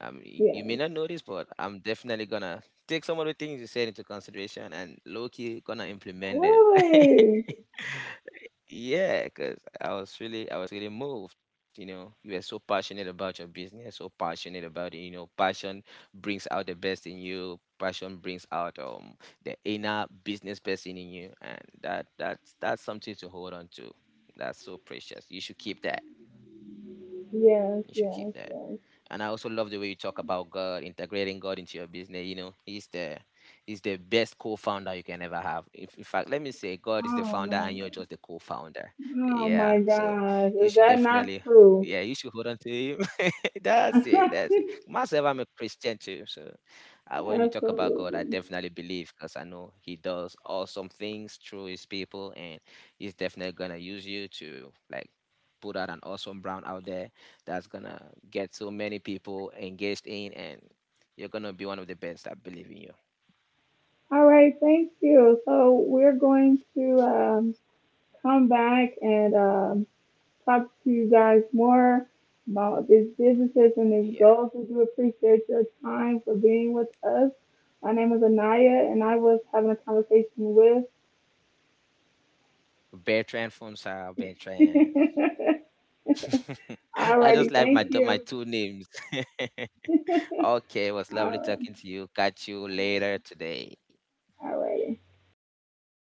Speaker 2: um, you, you may
Speaker 1: Yeah,
Speaker 2: not notice, but I'm definitely gonna take some of the things you said into consideration and low key gonna implement them.
Speaker 1: really?
Speaker 2: Yeah, because I was really, I was really moved. You know, you were so passionate about your business, so passionate about it. You know, passion brings out the best in you. Passion brings out um the inner business person in you, and that that's that's something to hold on to. That's so precious, you should keep that.
Speaker 1: Yes,
Speaker 2: You should keep
Speaker 1: yes,
Speaker 2: that.
Speaker 1: yes.
Speaker 2: And I also love the way you talk about God, integrating God into your business. You know, He's the He's the best co-founder you can ever have. If, in fact, let me say, God is the
Speaker 1: Oh
Speaker 2: founder,
Speaker 1: my,
Speaker 2: and you're just the co-founder.
Speaker 1: oh
Speaker 2: Yeah,
Speaker 1: my
Speaker 2: so
Speaker 1: gosh.
Speaker 2: you
Speaker 1: Is
Speaker 2: should
Speaker 1: that not
Speaker 2: definitely,
Speaker 1: true?
Speaker 2: yeah, you should hold on to Him. That's it. That's it. Myself, I'm a Christian too. So, uh, when you talk about God, I
Speaker 1: Absolutely.
Speaker 2: definitely believe, because I know He does awesome things through His people, and He's definitely gonna use you to like put out an awesome brand out there that's gonna get so many people engaged in, and you're gonna be one of the best. I believe in you.
Speaker 1: All right, thank you. So we're going to, um, come back and, um, talk to you guys more about these businesses and these
Speaker 2: Yeah.
Speaker 1: goals. We do appreciate your time for being with us. My name is Anaya, and I was having a conversation with.
Speaker 2: Bertrand Fonsal, Bertrand.
Speaker 1: All
Speaker 2: I
Speaker 1: righty,
Speaker 2: just like my
Speaker 1: thank
Speaker 2: do- my
Speaker 1: you.
Speaker 2: two names. Okay, it was lovely
Speaker 1: All
Speaker 2: talking
Speaker 1: right,
Speaker 2: to you. Catch you later today.
Speaker 1: all righty.